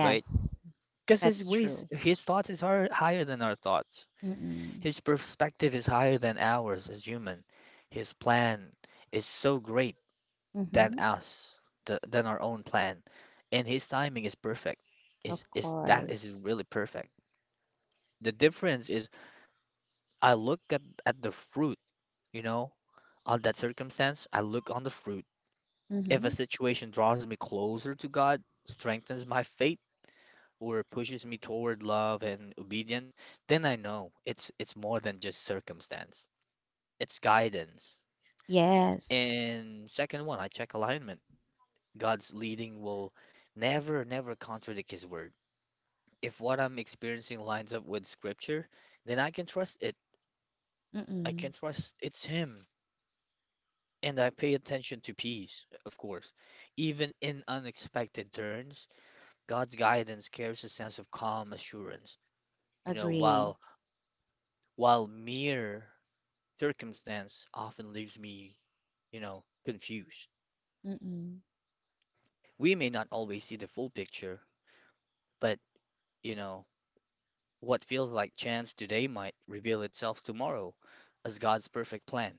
[SPEAKER 1] right? Because his
[SPEAKER 2] that's
[SPEAKER 1] ways,
[SPEAKER 2] true.
[SPEAKER 1] his thoughts is higher, higher than our thoughts.
[SPEAKER 2] Mm-mm.
[SPEAKER 1] His perspective is higher than ours as human. His plan is so great than
[SPEAKER 2] Mm-hmm.
[SPEAKER 1] us, than our own plan. And his timing is perfect.
[SPEAKER 2] Of
[SPEAKER 1] Is that is
[SPEAKER 2] course.
[SPEAKER 1] really perfect. The difference is I look at, the fruit, you know. On that circumstance, I look on the fruit. If a
[SPEAKER 2] Mm-hmm.
[SPEAKER 1] situation draws me closer to God, strengthens my faith, or pushes me toward love and obedience, then I know it's more than just circumstance. It's guidance.
[SPEAKER 2] Yes.
[SPEAKER 1] And second one, I check alignment. God's leading will never, never contradict his word. If what I'm experiencing lines up with scripture, then I can trust it. I can
[SPEAKER 2] Mm-mm.
[SPEAKER 1] trust it's him. And I pay attention to peace, of course, even in unexpected turns, God's guidance carries a sense of calm assurance, you know,
[SPEAKER 2] Agree.
[SPEAKER 1] while mere circumstance often leaves me, you know, confused.
[SPEAKER 2] Mm-mm.
[SPEAKER 1] We may not always see the full picture, but, you know, what feels like chance today might reveal itself tomorrow as God's perfect plan.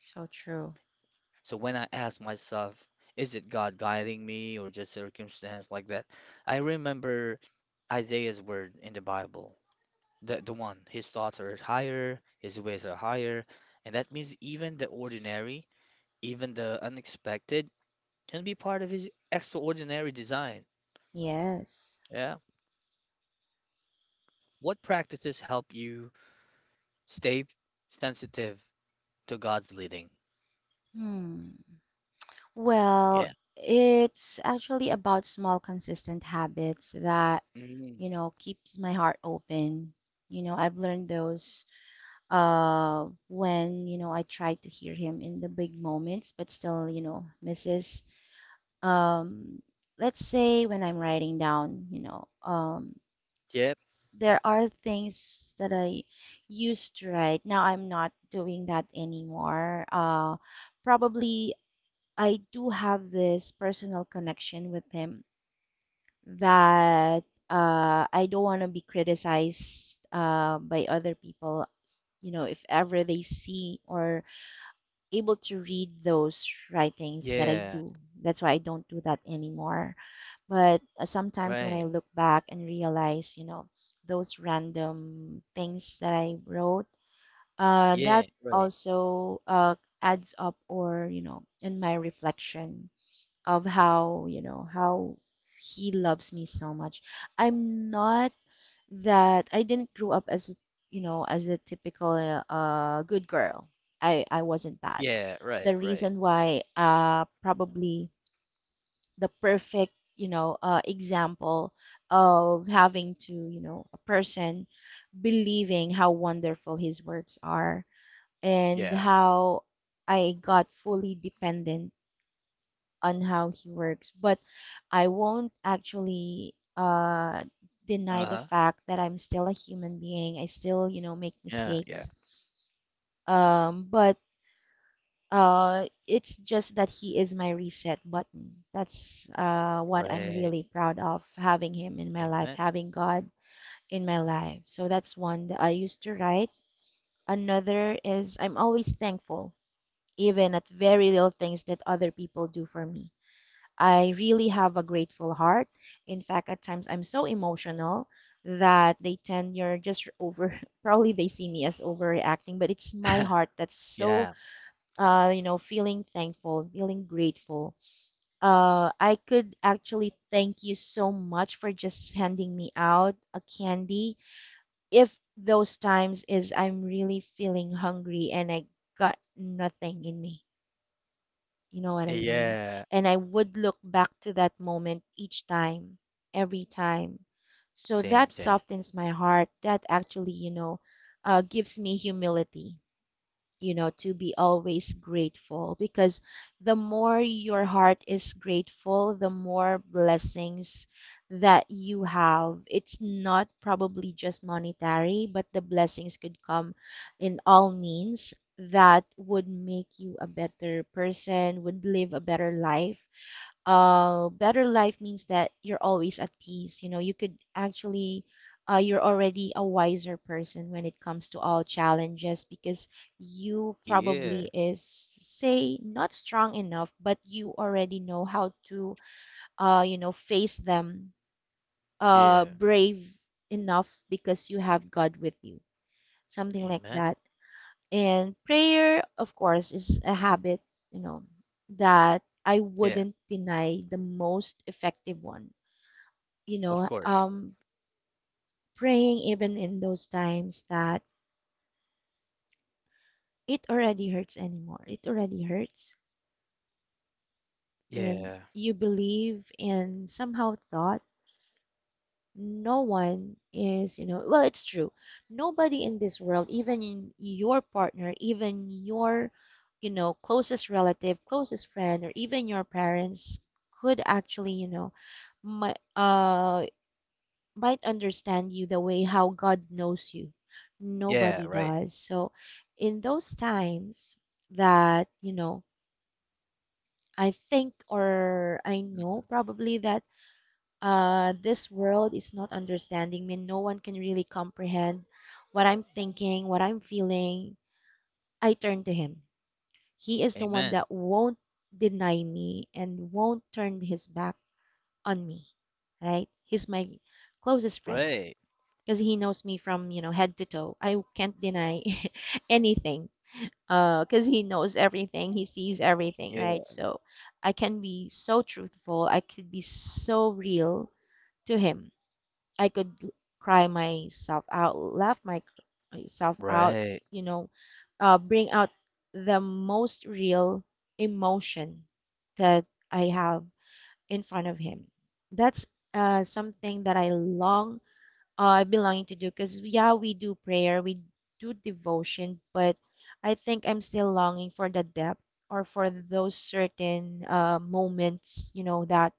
[SPEAKER 2] So true.
[SPEAKER 1] So when I ask myself, is it God guiding me or just circumstance like that? I remember Isaiah's word in the Bible. The one. His thoughts are higher, his ways are higher, and that means even the ordinary, even the unexpected can be part of his extraordinary design.
[SPEAKER 2] Yes.
[SPEAKER 1] Yeah. What practices help you stay sensitive to God's leading?
[SPEAKER 2] Hmm. Well,
[SPEAKER 1] Yeah.
[SPEAKER 2] it's actually about small, consistent habits that,
[SPEAKER 1] Mm.
[SPEAKER 2] you know, keeps my heart open. You know, I've learned those when, you know, I try to hear him in the big moments, but still, you know, misses. Um, let's say when I'm writing down, you know,
[SPEAKER 1] Yep.
[SPEAKER 2] there are things that I used to write. Now I'm not doing that anymore. Probably I do have this personal connection with him that I don't want to be criticized by other people. You know, if ever they see or able to read those writings that I
[SPEAKER 1] Yeah.
[SPEAKER 2] do, that's why I don't do that anymore. But sometimes when I
[SPEAKER 1] Right.
[SPEAKER 2] look back and realize, you know, those random things that I wrote, that
[SPEAKER 1] Yeah. Right.
[SPEAKER 2] also adds up or, you know, in my reflection of how, you know, how he loves me so much. I'm not that I didn't grow up as, a, you know, as a typical good girl. I wasn't that.
[SPEAKER 1] Yeah, right,
[SPEAKER 2] The
[SPEAKER 1] right.
[SPEAKER 2] reason why probably the perfect, you know, uh, example of having to, you know, a person believing how wonderful his works are and
[SPEAKER 1] Yeah.
[SPEAKER 2] how I got fully dependent on how he works, but I won't actually deny the
[SPEAKER 1] Uh-huh.
[SPEAKER 2] fact that I'm still a human being. I still, you know, make
[SPEAKER 1] Yeah, yeah.
[SPEAKER 2] mistakes. But it's just that he is my reset button. That's what I'm
[SPEAKER 1] Right.
[SPEAKER 2] really proud of having him in my life,
[SPEAKER 1] Amen.
[SPEAKER 2] having God in my life. So that's one that I used to write. Another is I'm always thankful, even at very little things that other people do for me. I really have a grateful heart. In fact, at times I'm so emotional that they tend you're just over probably they see me as overreacting, but it's my heart that's so
[SPEAKER 1] Yeah.
[SPEAKER 2] you know, feeling thankful, feeling grateful. I could actually thank you so much for just handing me out a candy. If those times is I'm really feeling hungry and I got nothing in me. You know what I mean?
[SPEAKER 1] Yeah.
[SPEAKER 2] And I would look back to that moment each time, every time. So
[SPEAKER 1] Same,
[SPEAKER 2] that
[SPEAKER 1] same.
[SPEAKER 2] softens my heart. That actually, you know, gives me humility, you know, to be always grateful because the more your heart is grateful, the more blessings that you have. It's not probably just monetary, but the blessings could come in all means that would make you a better person, would live a better life means that you're always at peace. You know, you could actually, you're already a wiser person when it comes to all challenges because you
[SPEAKER 1] Yeah.
[SPEAKER 2] probably is, say, not strong enough, but you already know how to, you know, face them,
[SPEAKER 1] Yeah.
[SPEAKER 2] brave enough because you have God with you. Something like
[SPEAKER 1] Amen.
[SPEAKER 2] that. And prayer, of course, is a habit, you know, that I
[SPEAKER 1] Yeah,
[SPEAKER 2] wouldn't deny the most effective one. You
[SPEAKER 1] of
[SPEAKER 2] know,
[SPEAKER 1] course.
[SPEAKER 2] praying even in those times that it already hurts anymore. It already hurts. And
[SPEAKER 1] Yeah.
[SPEAKER 2] you believe and somehow thought no one is, you know, well, it's true. Nobody in this world, even in your partner, even your, you know, closest relative, closest friend, or even your parents could actually, you know, might, uh, might understand you the way how God knows you.
[SPEAKER 1] Yeah,
[SPEAKER 2] Nobody
[SPEAKER 1] right.
[SPEAKER 2] does. So, in those times that, you know, I think or I
[SPEAKER 1] hmm
[SPEAKER 2] know probably that this world is not understanding me. No one can really comprehend what I'm thinking, what I'm feeling. I turn to Him. He is the one
[SPEAKER 1] Amen.
[SPEAKER 2] that won't deny me and won't turn His back on me, right? He's my closest friend
[SPEAKER 1] Right.
[SPEAKER 2] because He knows me from, you know, head to toe. I can't deny anything because He knows everything, He sees everything,
[SPEAKER 1] Yeah.
[SPEAKER 2] right? So I can be so truthful, I could be so real to Him. I could cry myself out, laugh my, myself out,
[SPEAKER 1] Right.
[SPEAKER 2] you know, bring out the most real emotion that I have in front of him. That's something that I long, I've been longing to do because, yeah, we do prayer, we do devotion, but I think I'm still longing for the depth or for those certain moments, you know, that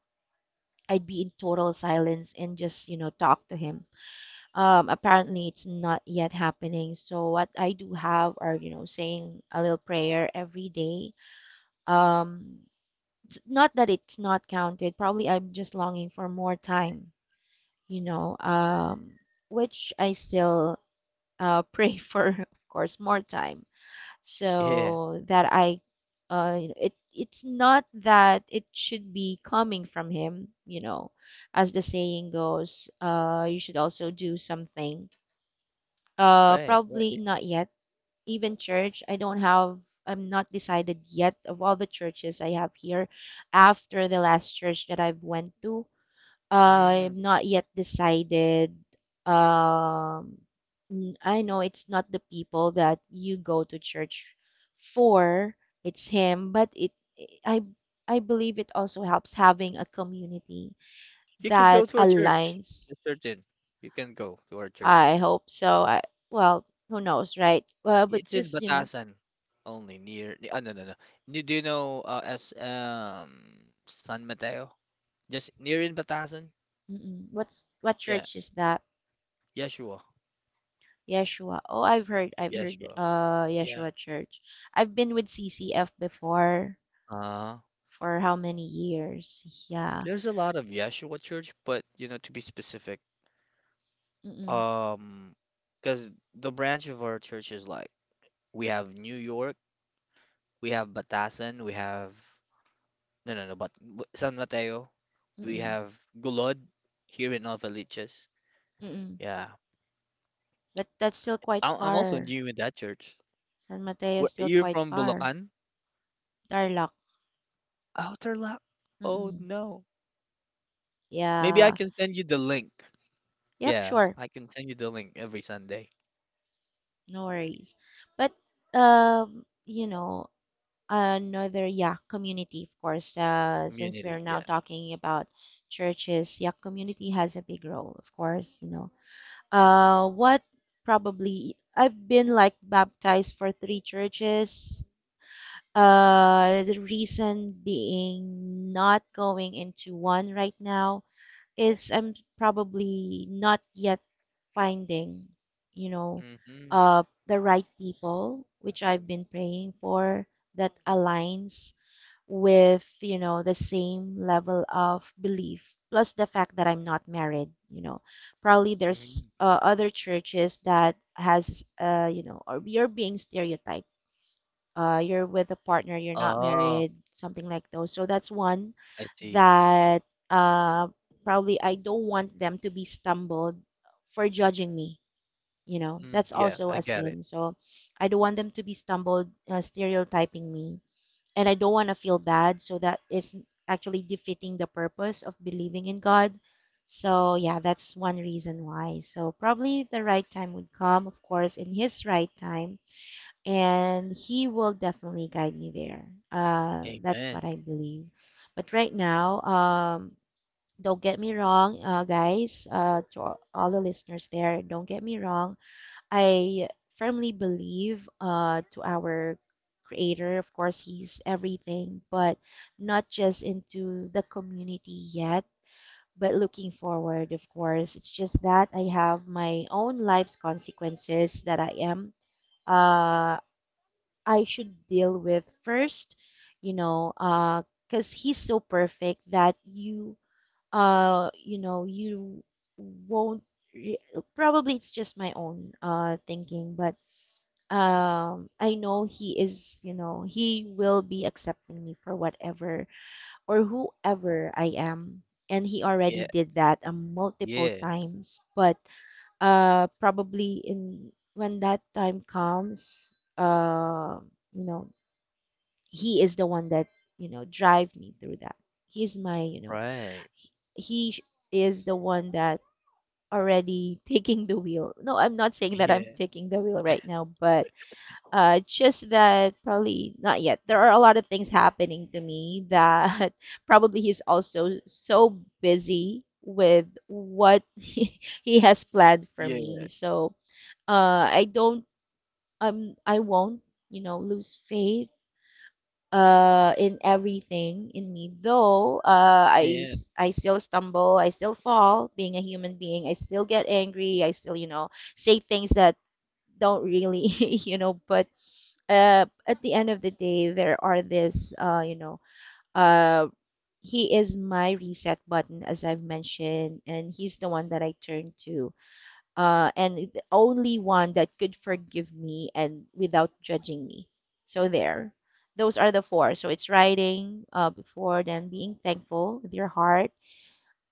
[SPEAKER 2] I'd be in total silence and just, you know, talk to him. Apparently it's not yet happening. So what I do have are, you know, saying a little prayer every day. Um, it's not that it's not counted. Probably I'm just longing for more time, you know, which I still pray for, of course, more time.
[SPEAKER 1] Yeah.
[SPEAKER 2] So that I, you know, it's not that it should be coming from him, you know, as the saying goes, you should also do something,
[SPEAKER 1] Right. Right.
[SPEAKER 2] probably not yet. Even church, I don't have, I'm not decided yet of all the churches I have here after the last church that I've went to.
[SPEAKER 1] Mm.
[SPEAKER 2] I'm not yet decided. Um, I know it's not the people that you go to church for, it's him, but it I I believe it also helps having a community
[SPEAKER 1] You can
[SPEAKER 2] that
[SPEAKER 1] go to our church.
[SPEAKER 2] aligns.
[SPEAKER 1] It's certain. You can go to our church.
[SPEAKER 2] I hope so. I well, who knows, right? Well, but
[SPEAKER 1] It's in
[SPEAKER 2] just, you know,
[SPEAKER 1] Batasan, only near. Oh, no, no, no. Do you know as San Mateo? Just near in Batasan?
[SPEAKER 2] mm-mm. What's what
[SPEAKER 1] Yeah.
[SPEAKER 2] church is that?
[SPEAKER 1] Yeshua.
[SPEAKER 2] Yeshua. Oh, I've heard,
[SPEAKER 1] Yeshua. Yeah.
[SPEAKER 2] Yeshua Church. I've been with CCF before
[SPEAKER 1] Uh,
[SPEAKER 2] for how many years? Yeah.
[SPEAKER 1] there's a lot of Yeshua church, but you know, to be specific.
[SPEAKER 2] Mm-mm,
[SPEAKER 1] Um, because the branch of our church is like we have New York, we have Batasan, we have no, no, no, but San Mateo, we
[SPEAKER 2] mm-mm,
[SPEAKER 1] have Gulod here in Nova Liches.
[SPEAKER 2] mm-mm.
[SPEAKER 1] Yeah,
[SPEAKER 2] But that's still quite
[SPEAKER 1] I'm also
[SPEAKER 2] far.
[SPEAKER 1] new in that church.
[SPEAKER 2] San Mateo
[SPEAKER 1] Where,
[SPEAKER 2] is still
[SPEAKER 1] you're
[SPEAKER 2] quite
[SPEAKER 1] from
[SPEAKER 2] far.
[SPEAKER 1] Bulacan?
[SPEAKER 2] Tarlac.
[SPEAKER 1] Outerlap? Oh
[SPEAKER 2] Mm-mm.
[SPEAKER 1] no. Maybe I
[SPEAKER 2] Yeah.
[SPEAKER 1] can send you the link.
[SPEAKER 2] Yep.
[SPEAKER 1] Yeah,
[SPEAKER 2] Sure.
[SPEAKER 1] I can send you the link every Sunday.
[SPEAKER 2] No worries. But you know, another Yak community, of course, since
[SPEAKER 1] Community,
[SPEAKER 2] we're now
[SPEAKER 1] yeah.
[SPEAKER 2] talking about churches, Yak community has a big role, of course, you know. What probably I've been like baptized for 3 churches. The reason being not going into one right now is I'm probably not yet finding, you know,
[SPEAKER 1] Mm-hmm.
[SPEAKER 2] the right people, which I've been praying for that aligns with, you know, the same level of belief, plus the fact that I'm not married, you know. Probably there's
[SPEAKER 1] Mm-hmm.
[SPEAKER 2] other churches that has, you know, or you're being stereotyped. You're with a partner, you're not
[SPEAKER 1] Oh,
[SPEAKER 2] married, something like those. So that's one
[SPEAKER 1] I see.
[SPEAKER 2] that uh, probably I don't want them to be stumbled for judging me. You know,
[SPEAKER 1] Mm,
[SPEAKER 2] that's
[SPEAKER 1] yeah,
[SPEAKER 2] also
[SPEAKER 1] I
[SPEAKER 2] a
[SPEAKER 1] got it.
[SPEAKER 2] sin. So I don't want them to be stumbled stereotyping me and I don't want to feel bad. So that is actually defeating the purpose of believing in God. So, yeah, that's one reason why. So, probably the right time would come, of course, in His right time, and He will definitely guide me there. That's what
[SPEAKER 1] Amen.
[SPEAKER 2] I believe. But right now, don't get me wrong, guys, to all the listeners there, don't get me wrong. I firmly believe to our creator. Of course, he's everything, but not just into the community yet, but looking forward, of course. It's just that I have my own life's consequences that I am, uh, I should deal with first, you know, uh, because he's so perfect that you won't. re- Probably it's just my own thinking, but I know he is, you know, he will be accepting me for whatever or whoever I am. And he already
[SPEAKER 1] Yeah.
[SPEAKER 2] did that multiple
[SPEAKER 1] Yeah,
[SPEAKER 2] times, but probably in when that time comes, you know, he is the one that, you know, drive me through that. He's my, you know,
[SPEAKER 1] right.
[SPEAKER 2] he, he sh- is the one that already taking the wheel. No, I'm not saying that I'm
[SPEAKER 1] Yeah,
[SPEAKER 2] taking the wheel right now, but just that probably not yet. There are a lot of things happening to me that probably he's also so busy with what he has planned for me.
[SPEAKER 1] yeah,
[SPEAKER 2] So I don't, I won't, you know, lose faith in everything in me. Though
[SPEAKER 1] yeah.
[SPEAKER 2] I still stumble, I still fall. Being a human being, I still get angry. I still, you know, say things that don't really, you know, but at the end of the day, there are uh, he is my reset button, as I've mentioned, and he's the one that I turn to, and the only one that could forgive me and without judging me. So there, those are the four. So it's writing before, then being thankful with your heart,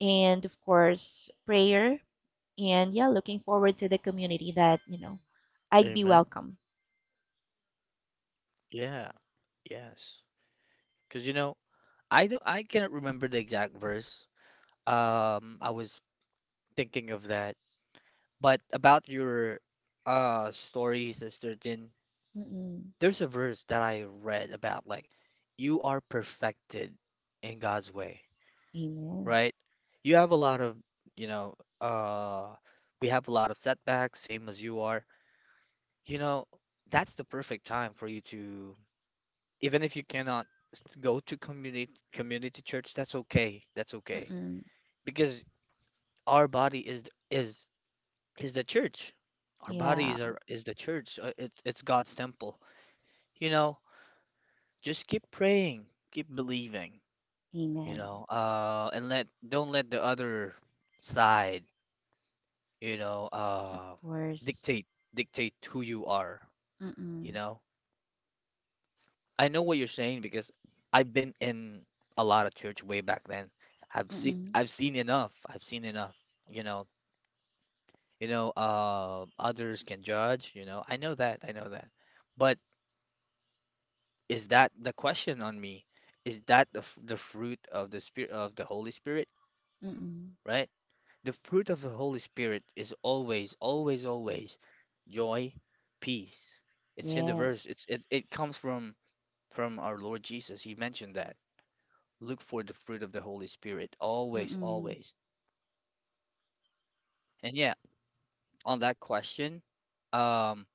[SPEAKER 2] and of course prayer, and yeah, looking forward to the community that you know I'd be
[SPEAKER 1] Amen.
[SPEAKER 2] welcome.
[SPEAKER 1] Yeah, yes. Because, you know, I cannot remember the exact verse. I was thinking of that, but about your story, Sister Jin,
[SPEAKER 2] Mm-mm.
[SPEAKER 1] there's a verse that I read about, like, you are perfected in God's way,
[SPEAKER 2] Amen.
[SPEAKER 1] right? You have a lot of, you know, uh, we have a lot of setbacks, same as you are. You know, that's the perfect time for you to, even if you cannot go to community church, that's okay. That's okay
[SPEAKER 2] Mm-mm.
[SPEAKER 1] because our body is is the church. Our body
[SPEAKER 2] Yeah,
[SPEAKER 1] is our is the church. It, it's God's temple. You know, just keep praying, keep believing. You
[SPEAKER 2] amen.
[SPEAKER 1] know, and let don't let the other side, you know,
[SPEAKER 2] Of course.
[SPEAKER 1] dictate dictate who you are. You
[SPEAKER 2] Mm-mm.
[SPEAKER 1] know, I know what you're saying because I've been in a lot of church way back then.
[SPEAKER 2] Mm-mm.
[SPEAKER 1] I've seen enough. I've seen enough. You know, you know, others can judge, you know. I know that. I know that. But is that the question on me? Is that the fruit of the spirit of the Holy Spirit,
[SPEAKER 2] Mm-mm.
[SPEAKER 1] right? The fruit of the Holy Spirit is always, always, always joy, peace. It's in the verse.
[SPEAKER 2] Yes.
[SPEAKER 1] It, it comes from our Lord Jesus. He mentioned that. Look for the fruit of the Holy Spirit always,
[SPEAKER 2] Mm-mm.
[SPEAKER 1] always. And yeah, on that question, um,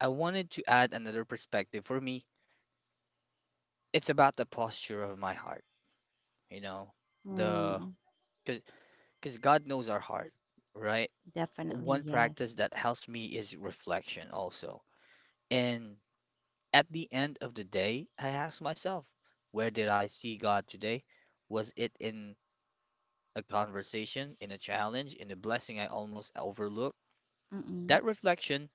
[SPEAKER 1] I wanted to add another perspective. For me, it's about the posture of my heart, you know, the
[SPEAKER 2] Mm.
[SPEAKER 1] because God knows our heart, right?
[SPEAKER 2] Definitely
[SPEAKER 1] One practice
[SPEAKER 2] yes.
[SPEAKER 1] that helps me is reflection also. And at the end of the day, I ask myself, where did I see God today? Was it in a conversation, in a challenge, in a blessing I almost overlooked?
[SPEAKER 2] Mm-mm.
[SPEAKER 1] That reflection,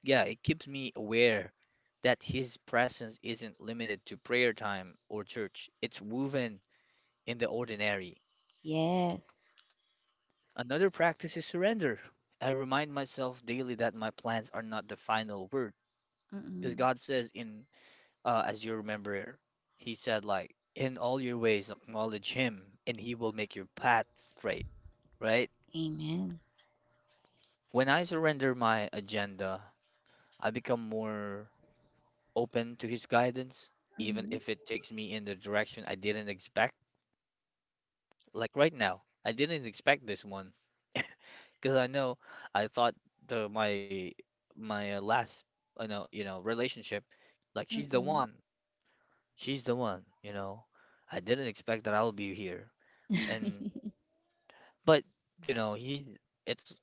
[SPEAKER 1] yeah, it keeps me aware that His presence isn't limited to prayer time or church, it's woven in the ordinary.
[SPEAKER 2] Yes.
[SPEAKER 1] Another practice is surrender. I remind myself daily that my plans are not the final word. Because
[SPEAKER 2] Mm-mm.
[SPEAKER 1] God says, in, as you remember, He said, like, in all your ways, acknowledge Him, and He will make your path straight, right?
[SPEAKER 2] Amen.
[SPEAKER 1] When I surrender my agenda, I become more open to his guidance, even
[SPEAKER 2] Mm-hmm.
[SPEAKER 1] if it takes me in the direction I didn't expect. Like right now, I didn't expect this one because I thought the my last, you know, relationship, like she's the one, you know. I didn't expect that I'll be here, and
[SPEAKER 2] Mm-mm.
[SPEAKER 1] but you know, he it's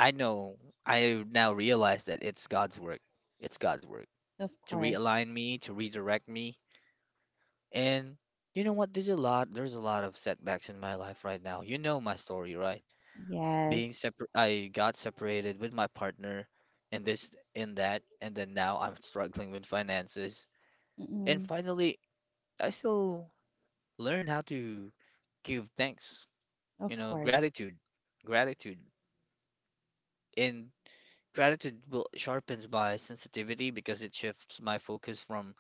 [SPEAKER 1] I know I now realize that it's God's work. It's God's work
[SPEAKER 2] Of
[SPEAKER 1] to
[SPEAKER 2] course.
[SPEAKER 1] realign me, to redirect me. And you know what? There's a lot. There's a lot of setbacks in my life right now. You know my story, right? Being
[SPEAKER 2] Yes.
[SPEAKER 1] separ I got separated with my partner, and this, and that, and then now I'm struggling with finances. And
[SPEAKER 2] Mm-mm.
[SPEAKER 1] finally, I still learn how to give thanks. You
[SPEAKER 2] Of
[SPEAKER 1] know,
[SPEAKER 2] course.
[SPEAKER 1] gratitude, and gratitude will sharpens my sensitivity because it shifts my focus from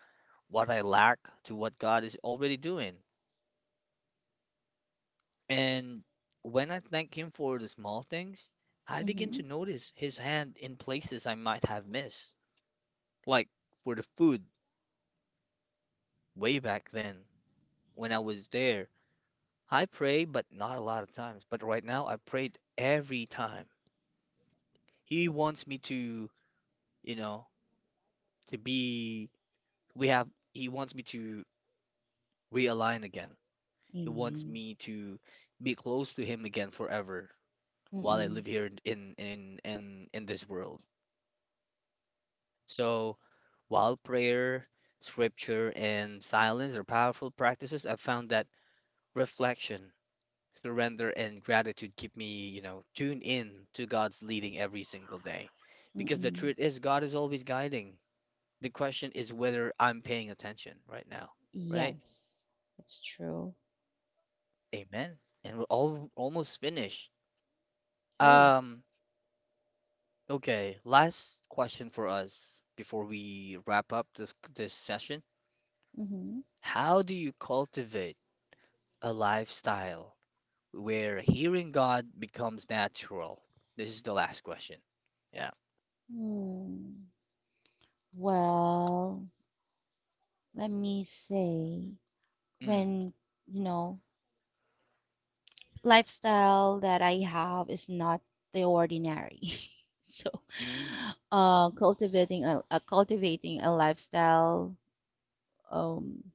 [SPEAKER 1] what I lack to what God is already doing. And when I thank him for the small things, I begin to
[SPEAKER 2] Mm-hmm.
[SPEAKER 1] notice his hand in places I might have missed, like for the food way back then when I was there. I pray, but not a lot of times. But right now, I prayed every time. He wants me to, you know, to be, we have, he wants me to realign again. He wants
[SPEAKER 2] Amen.
[SPEAKER 1] me to be close to him again forever while I
[SPEAKER 2] Mm-mm.
[SPEAKER 1] live here in this world. So while prayer, scripture, and silence are powerful practices, I've found that reflection, surrender, and gratitude keep me, you know, tuned in to God's leading every single day. Because the
[SPEAKER 2] Mm-mm.
[SPEAKER 1] truth is, God is always guiding. The question is whether I'm paying attention right now, right?
[SPEAKER 2] Yes. That's true.
[SPEAKER 1] Amen. And we're all almost finished.
[SPEAKER 2] Oh.
[SPEAKER 1] Um, okay, last question for us before we wrap up this session.
[SPEAKER 2] Mm-hmm.
[SPEAKER 1] How do you cultivate a lifestyle where hearing God becomes natural? This is the last question. Yeah.
[SPEAKER 2] Mm. Well, let me say,
[SPEAKER 1] Mm.
[SPEAKER 2] when, you know, lifestyle that I have is not the ordinary. So,
[SPEAKER 1] Mm.
[SPEAKER 2] cultivating a lifestyle um,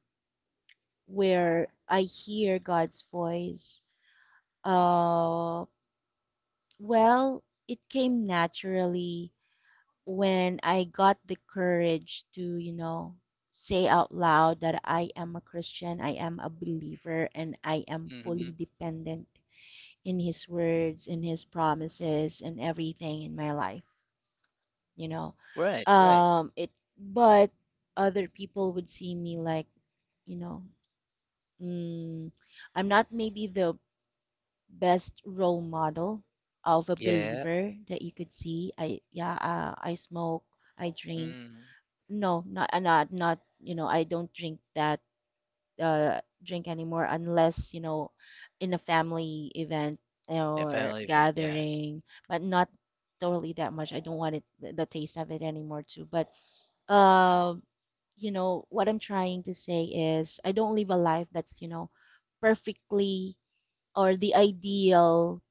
[SPEAKER 2] where I hear God's voice. Uh, well, it came naturally when I got the courage to, you know, say out loud that I am a Christian, I am a believer, and I am
[SPEAKER 1] Mm-hmm.
[SPEAKER 2] fully dependent in His words, in His promises, and everything in my life, you know.
[SPEAKER 1] Right, right.
[SPEAKER 2] Um, it, but other people would see me like, you know, mm, I'm not maybe the best role model of a
[SPEAKER 1] Yeah.
[SPEAKER 2] believer that you could see. I, yeah, I smoke, I drink.
[SPEAKER 1] Mm.
[SPEAKER 2] No, not you know I don't drink that drink anymore unless you know in a family event
[SPEAKER 1] A
[SPEAKER 2] or
[SPEAKER 1] family event, yes.
[SPEAKER 2] gathering, but not totally that much. I don't want it the taste of it anymore too. But uh, you know what I'm trying to say is I don't live a life that's you know perfectly or the ideal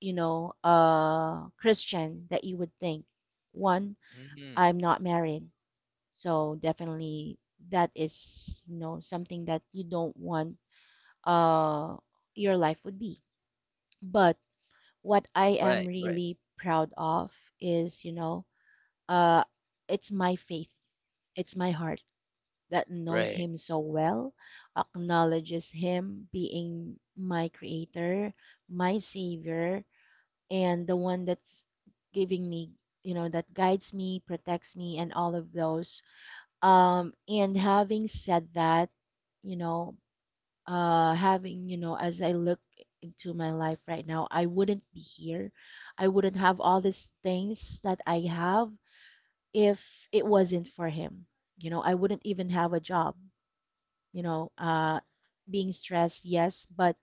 [SPEAKER 2] you know Christian that you would think. One,
[SPEAKER 1] Mm.
[SPEAKER 2] I'm not married. So definitely that is you know something that you don't want uh your life would be. But what I am
[SPEAKER 1] Right, right,
[SPEAKER 2] really proud of is, you know, uh it's my faith, it's my heart that knows
[SPEAKER 1] right.
[SPEAKER 2] him so well, acknowledges him being my creator, my savior, and the one that's giving me, you know, that guides me, protects me, and all of those. And having said that, you know, you know, as I look into my life right now, I wouldn't be here. I wouldn't have all these things that I have if it wasn't for him. You know, I wouldn't even have a job, you know, uh, being stressed, yes, but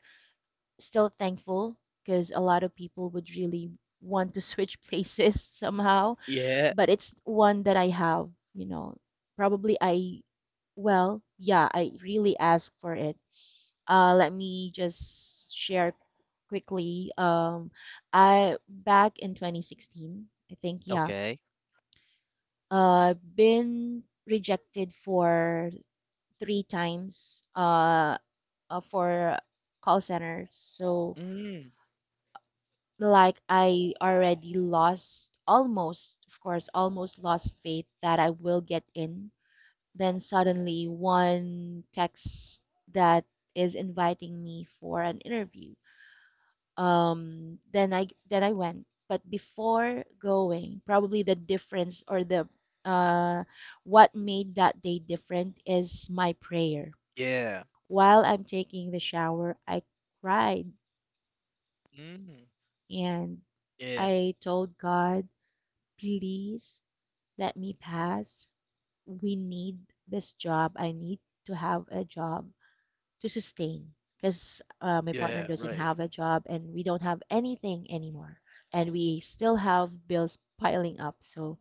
[SPEAKER 2] still thankful because a lot of people would really want to switch places somehow,
[SPEAKER 1] Yeah.
[SPEAKER 2] but it's one that I have, you know. Probably I, well, yeah, I really ask for it. Let me just share quickly. I Back in 2016, I think, yeah,
[SPEAKER 1] Okay.
[SPEAKER 2] been rejected for 3 times for call centers. So
[SPEAKER 1] Mm.
[SPEAKER 2] like I already lost almost, of course, almost lost faith that I will get in. Then suddenly one text that is inviting me for an interview. Then I went. But before going, probably the difference or the uh, what made that day different is my prayer.
[SPEAKER 1] Yeah.
[SPEAKER 2] While I'm taking the shower, I cried
[SPEAKER 1] Mm.
[SPEAKER 2] and
[SPEAKER 1] Yeah.
[SPEAKER 2] I told God, please let me pass. We need this job. I need to have a job to sustain because my partner
[SPEAKER 1] Yeah,
[SPEAKER 2] doesn't
[SPEAKER 1] right.
[SPEAKER 2] have a job and we don't have anything anymore. And we still have bills piling up. So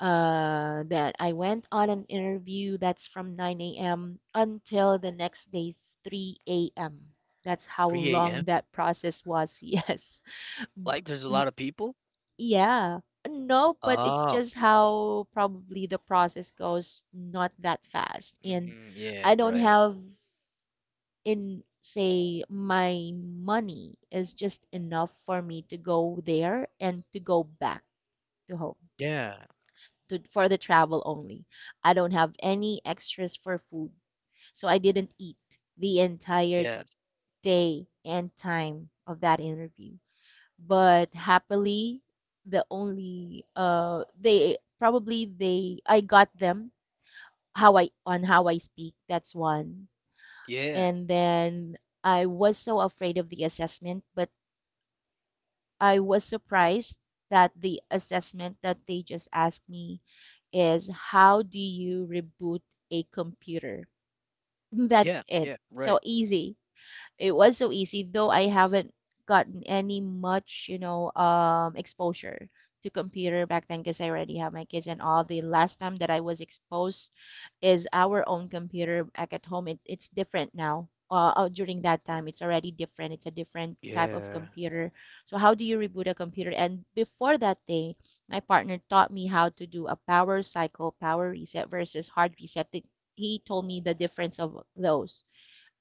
[SPEAKER 2] that I went on an interview that's from 9 a.m. until the next day's 3 a.m. That's how
[SPEAKER 1] 3
[SPEAKER 2] long
[SPEAKER 1] a.m.?
[SPEAKER 2] that process was. Yes.
[SPEAKER 1] Like there's a lot of people?
[SPEAKER 2] Yeah. No, but it's
[SPEAKER 1] Oh.
[SPEAKER 2] just how probably the process goes not that fast. And
[SPEAKER 1] Mm, yeah,
[SPEAKER 2] I don't
[SPEAKER 1] right.
[SPEAKER 2] have in say my money is just enough for me to go there and to go back to home
[SPEAKER 1] Yeah.
[SPEAKER 2] to, for the travel only. I don't have any extras for food. So I didn't eat the entire
[SPEAKER 1] Yeah.
[SPEAKER 2] day and time of that interview. But happily, the only they probably they I got them how I on how I speak, that's one.
[SPEAKER 1] Yeah.
[SPEAKER 2] And then I was so afraid of the assessment, but I was surprised that the assessment that they just asked me is how do you reboot a computer?
[SPEAKER 1] Yeah.
[SPEAKER 2] That's it.
[SPEAKER 1] Yeah. Right.
[SPEAKER 2] So easy. It was so easy, though I haven't gotten any much, you know, exposure to computer back then because I already have my kids and all. The last time that I was exposed is our own computer back at home. It's different now. During that time, it's already different. It's a different type of
[SPEAKER 1] Yeah.
[SPEAKER 2] computer. So how do you reboot a computer? And before that day, my partner taught me how to do a power cycle, power reset versus hard reset. He told me the difference of those.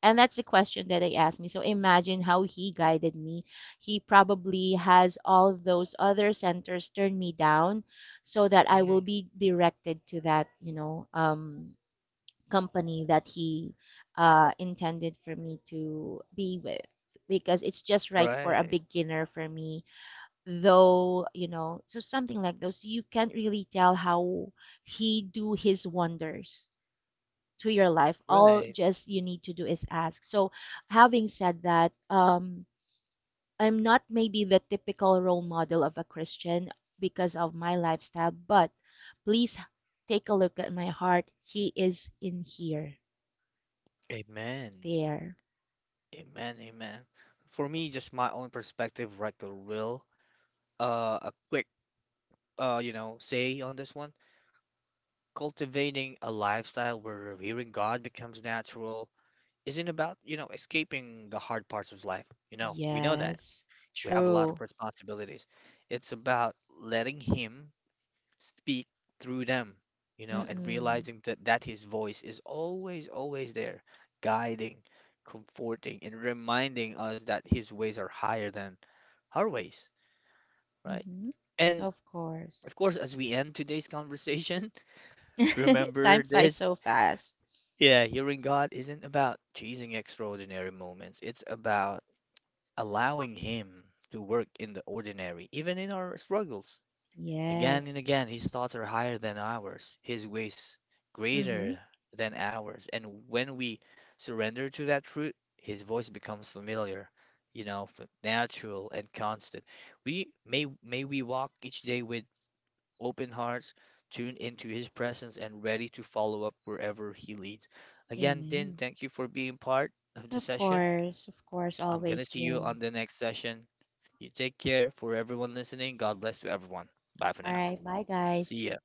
[SPEAKER 2] And that's the question that I asked me. So imagine how he guided me. He probably has all those other centers turn me down so that I will
[SPEAKER 1] Mm,
[SPEAKER 2] be directed to that, you know, company that he intended for me to be with because it's just right for a
[SPEAKER 1] right.
[SPEAKER 2] beginner for me, though you know so something like those you can't really tell how he do his wonders to your life. All
[SPEAKER 1] Right.
[SPEAKER 2] just you need to do is ask. So, having said that, I'm not maybe the typical role model of a Christian because of my lifestyle, but please take a look at my heart. He is in here,
[SPEAKER 1] Amen.
[SPEAKER 2] there.
[SPEAKER 1] Amen. Amen. For me, just my own perspective, Rector will. A quick, you know, say on this one. Cultivating a lifestyle where revering God becomes natural isn't about, you know, escaping the hard parts of life. You know, we know that.
[SPEAKER 2] Yes,
[SPEAKER 1] We have a lot
[SPEAKER 2] true.
[SPEAKER 1] of responsibilities. It's about letting Him speak through them, you know, and
[SPEAKER 2] Mm-mm.
[SPEAKER 1] realizing that his voice is always, always there, guiding, comforting, and reminding us that his ways are higher than our ways, right?
[SPEAKER 2] Mm-hmm.
[SPEAKER 1] And
[SPEAKER 2] Of course.
[SPEAKER 1] of course, as we end today's conversation, remember
[SPEAKER 2] Time flies
[SPEAKER 1] this.
[SPEAKER 2] so fast.
[SPEAKER 1] Yeah, hearing God isn't about chasing extraordinary moments. It's about allowing Him to work in the ordinary, even in our struggles. Again and
[SPEAKER 2] Yes.
[SPEAKER 1] again, his thoughts are higher than ours, his ways
[SPEAKER 2] Mm-hmm.
[SPEAKER 1] greater than ours. And when we surrender to that truth, his voice becomes familiar, you know, natural and constant. We May we walk each day with open hearts, tuned into his presence and ready to follow up wherever he leads. Again, Tin,
[SPEAKER 2] Amen.
[SPEAKER 1] thank you for being part of this session.
[SPEAKER 2] Of course,
[SPEAKER 1] I'm gonna
[SPEAKER 2] always,
[SPEAKER 1] see you
[SPEAKER 2] Jim.
[SPEAKER 1] on the next session. You take care. For everyone listening, God bless to everyone. Bye for
[SPEAKER 2] All
[SPEAKER 1] now.
[SPEAKER 2] right. Bye, guys.
[SPEAKER 1] See ya.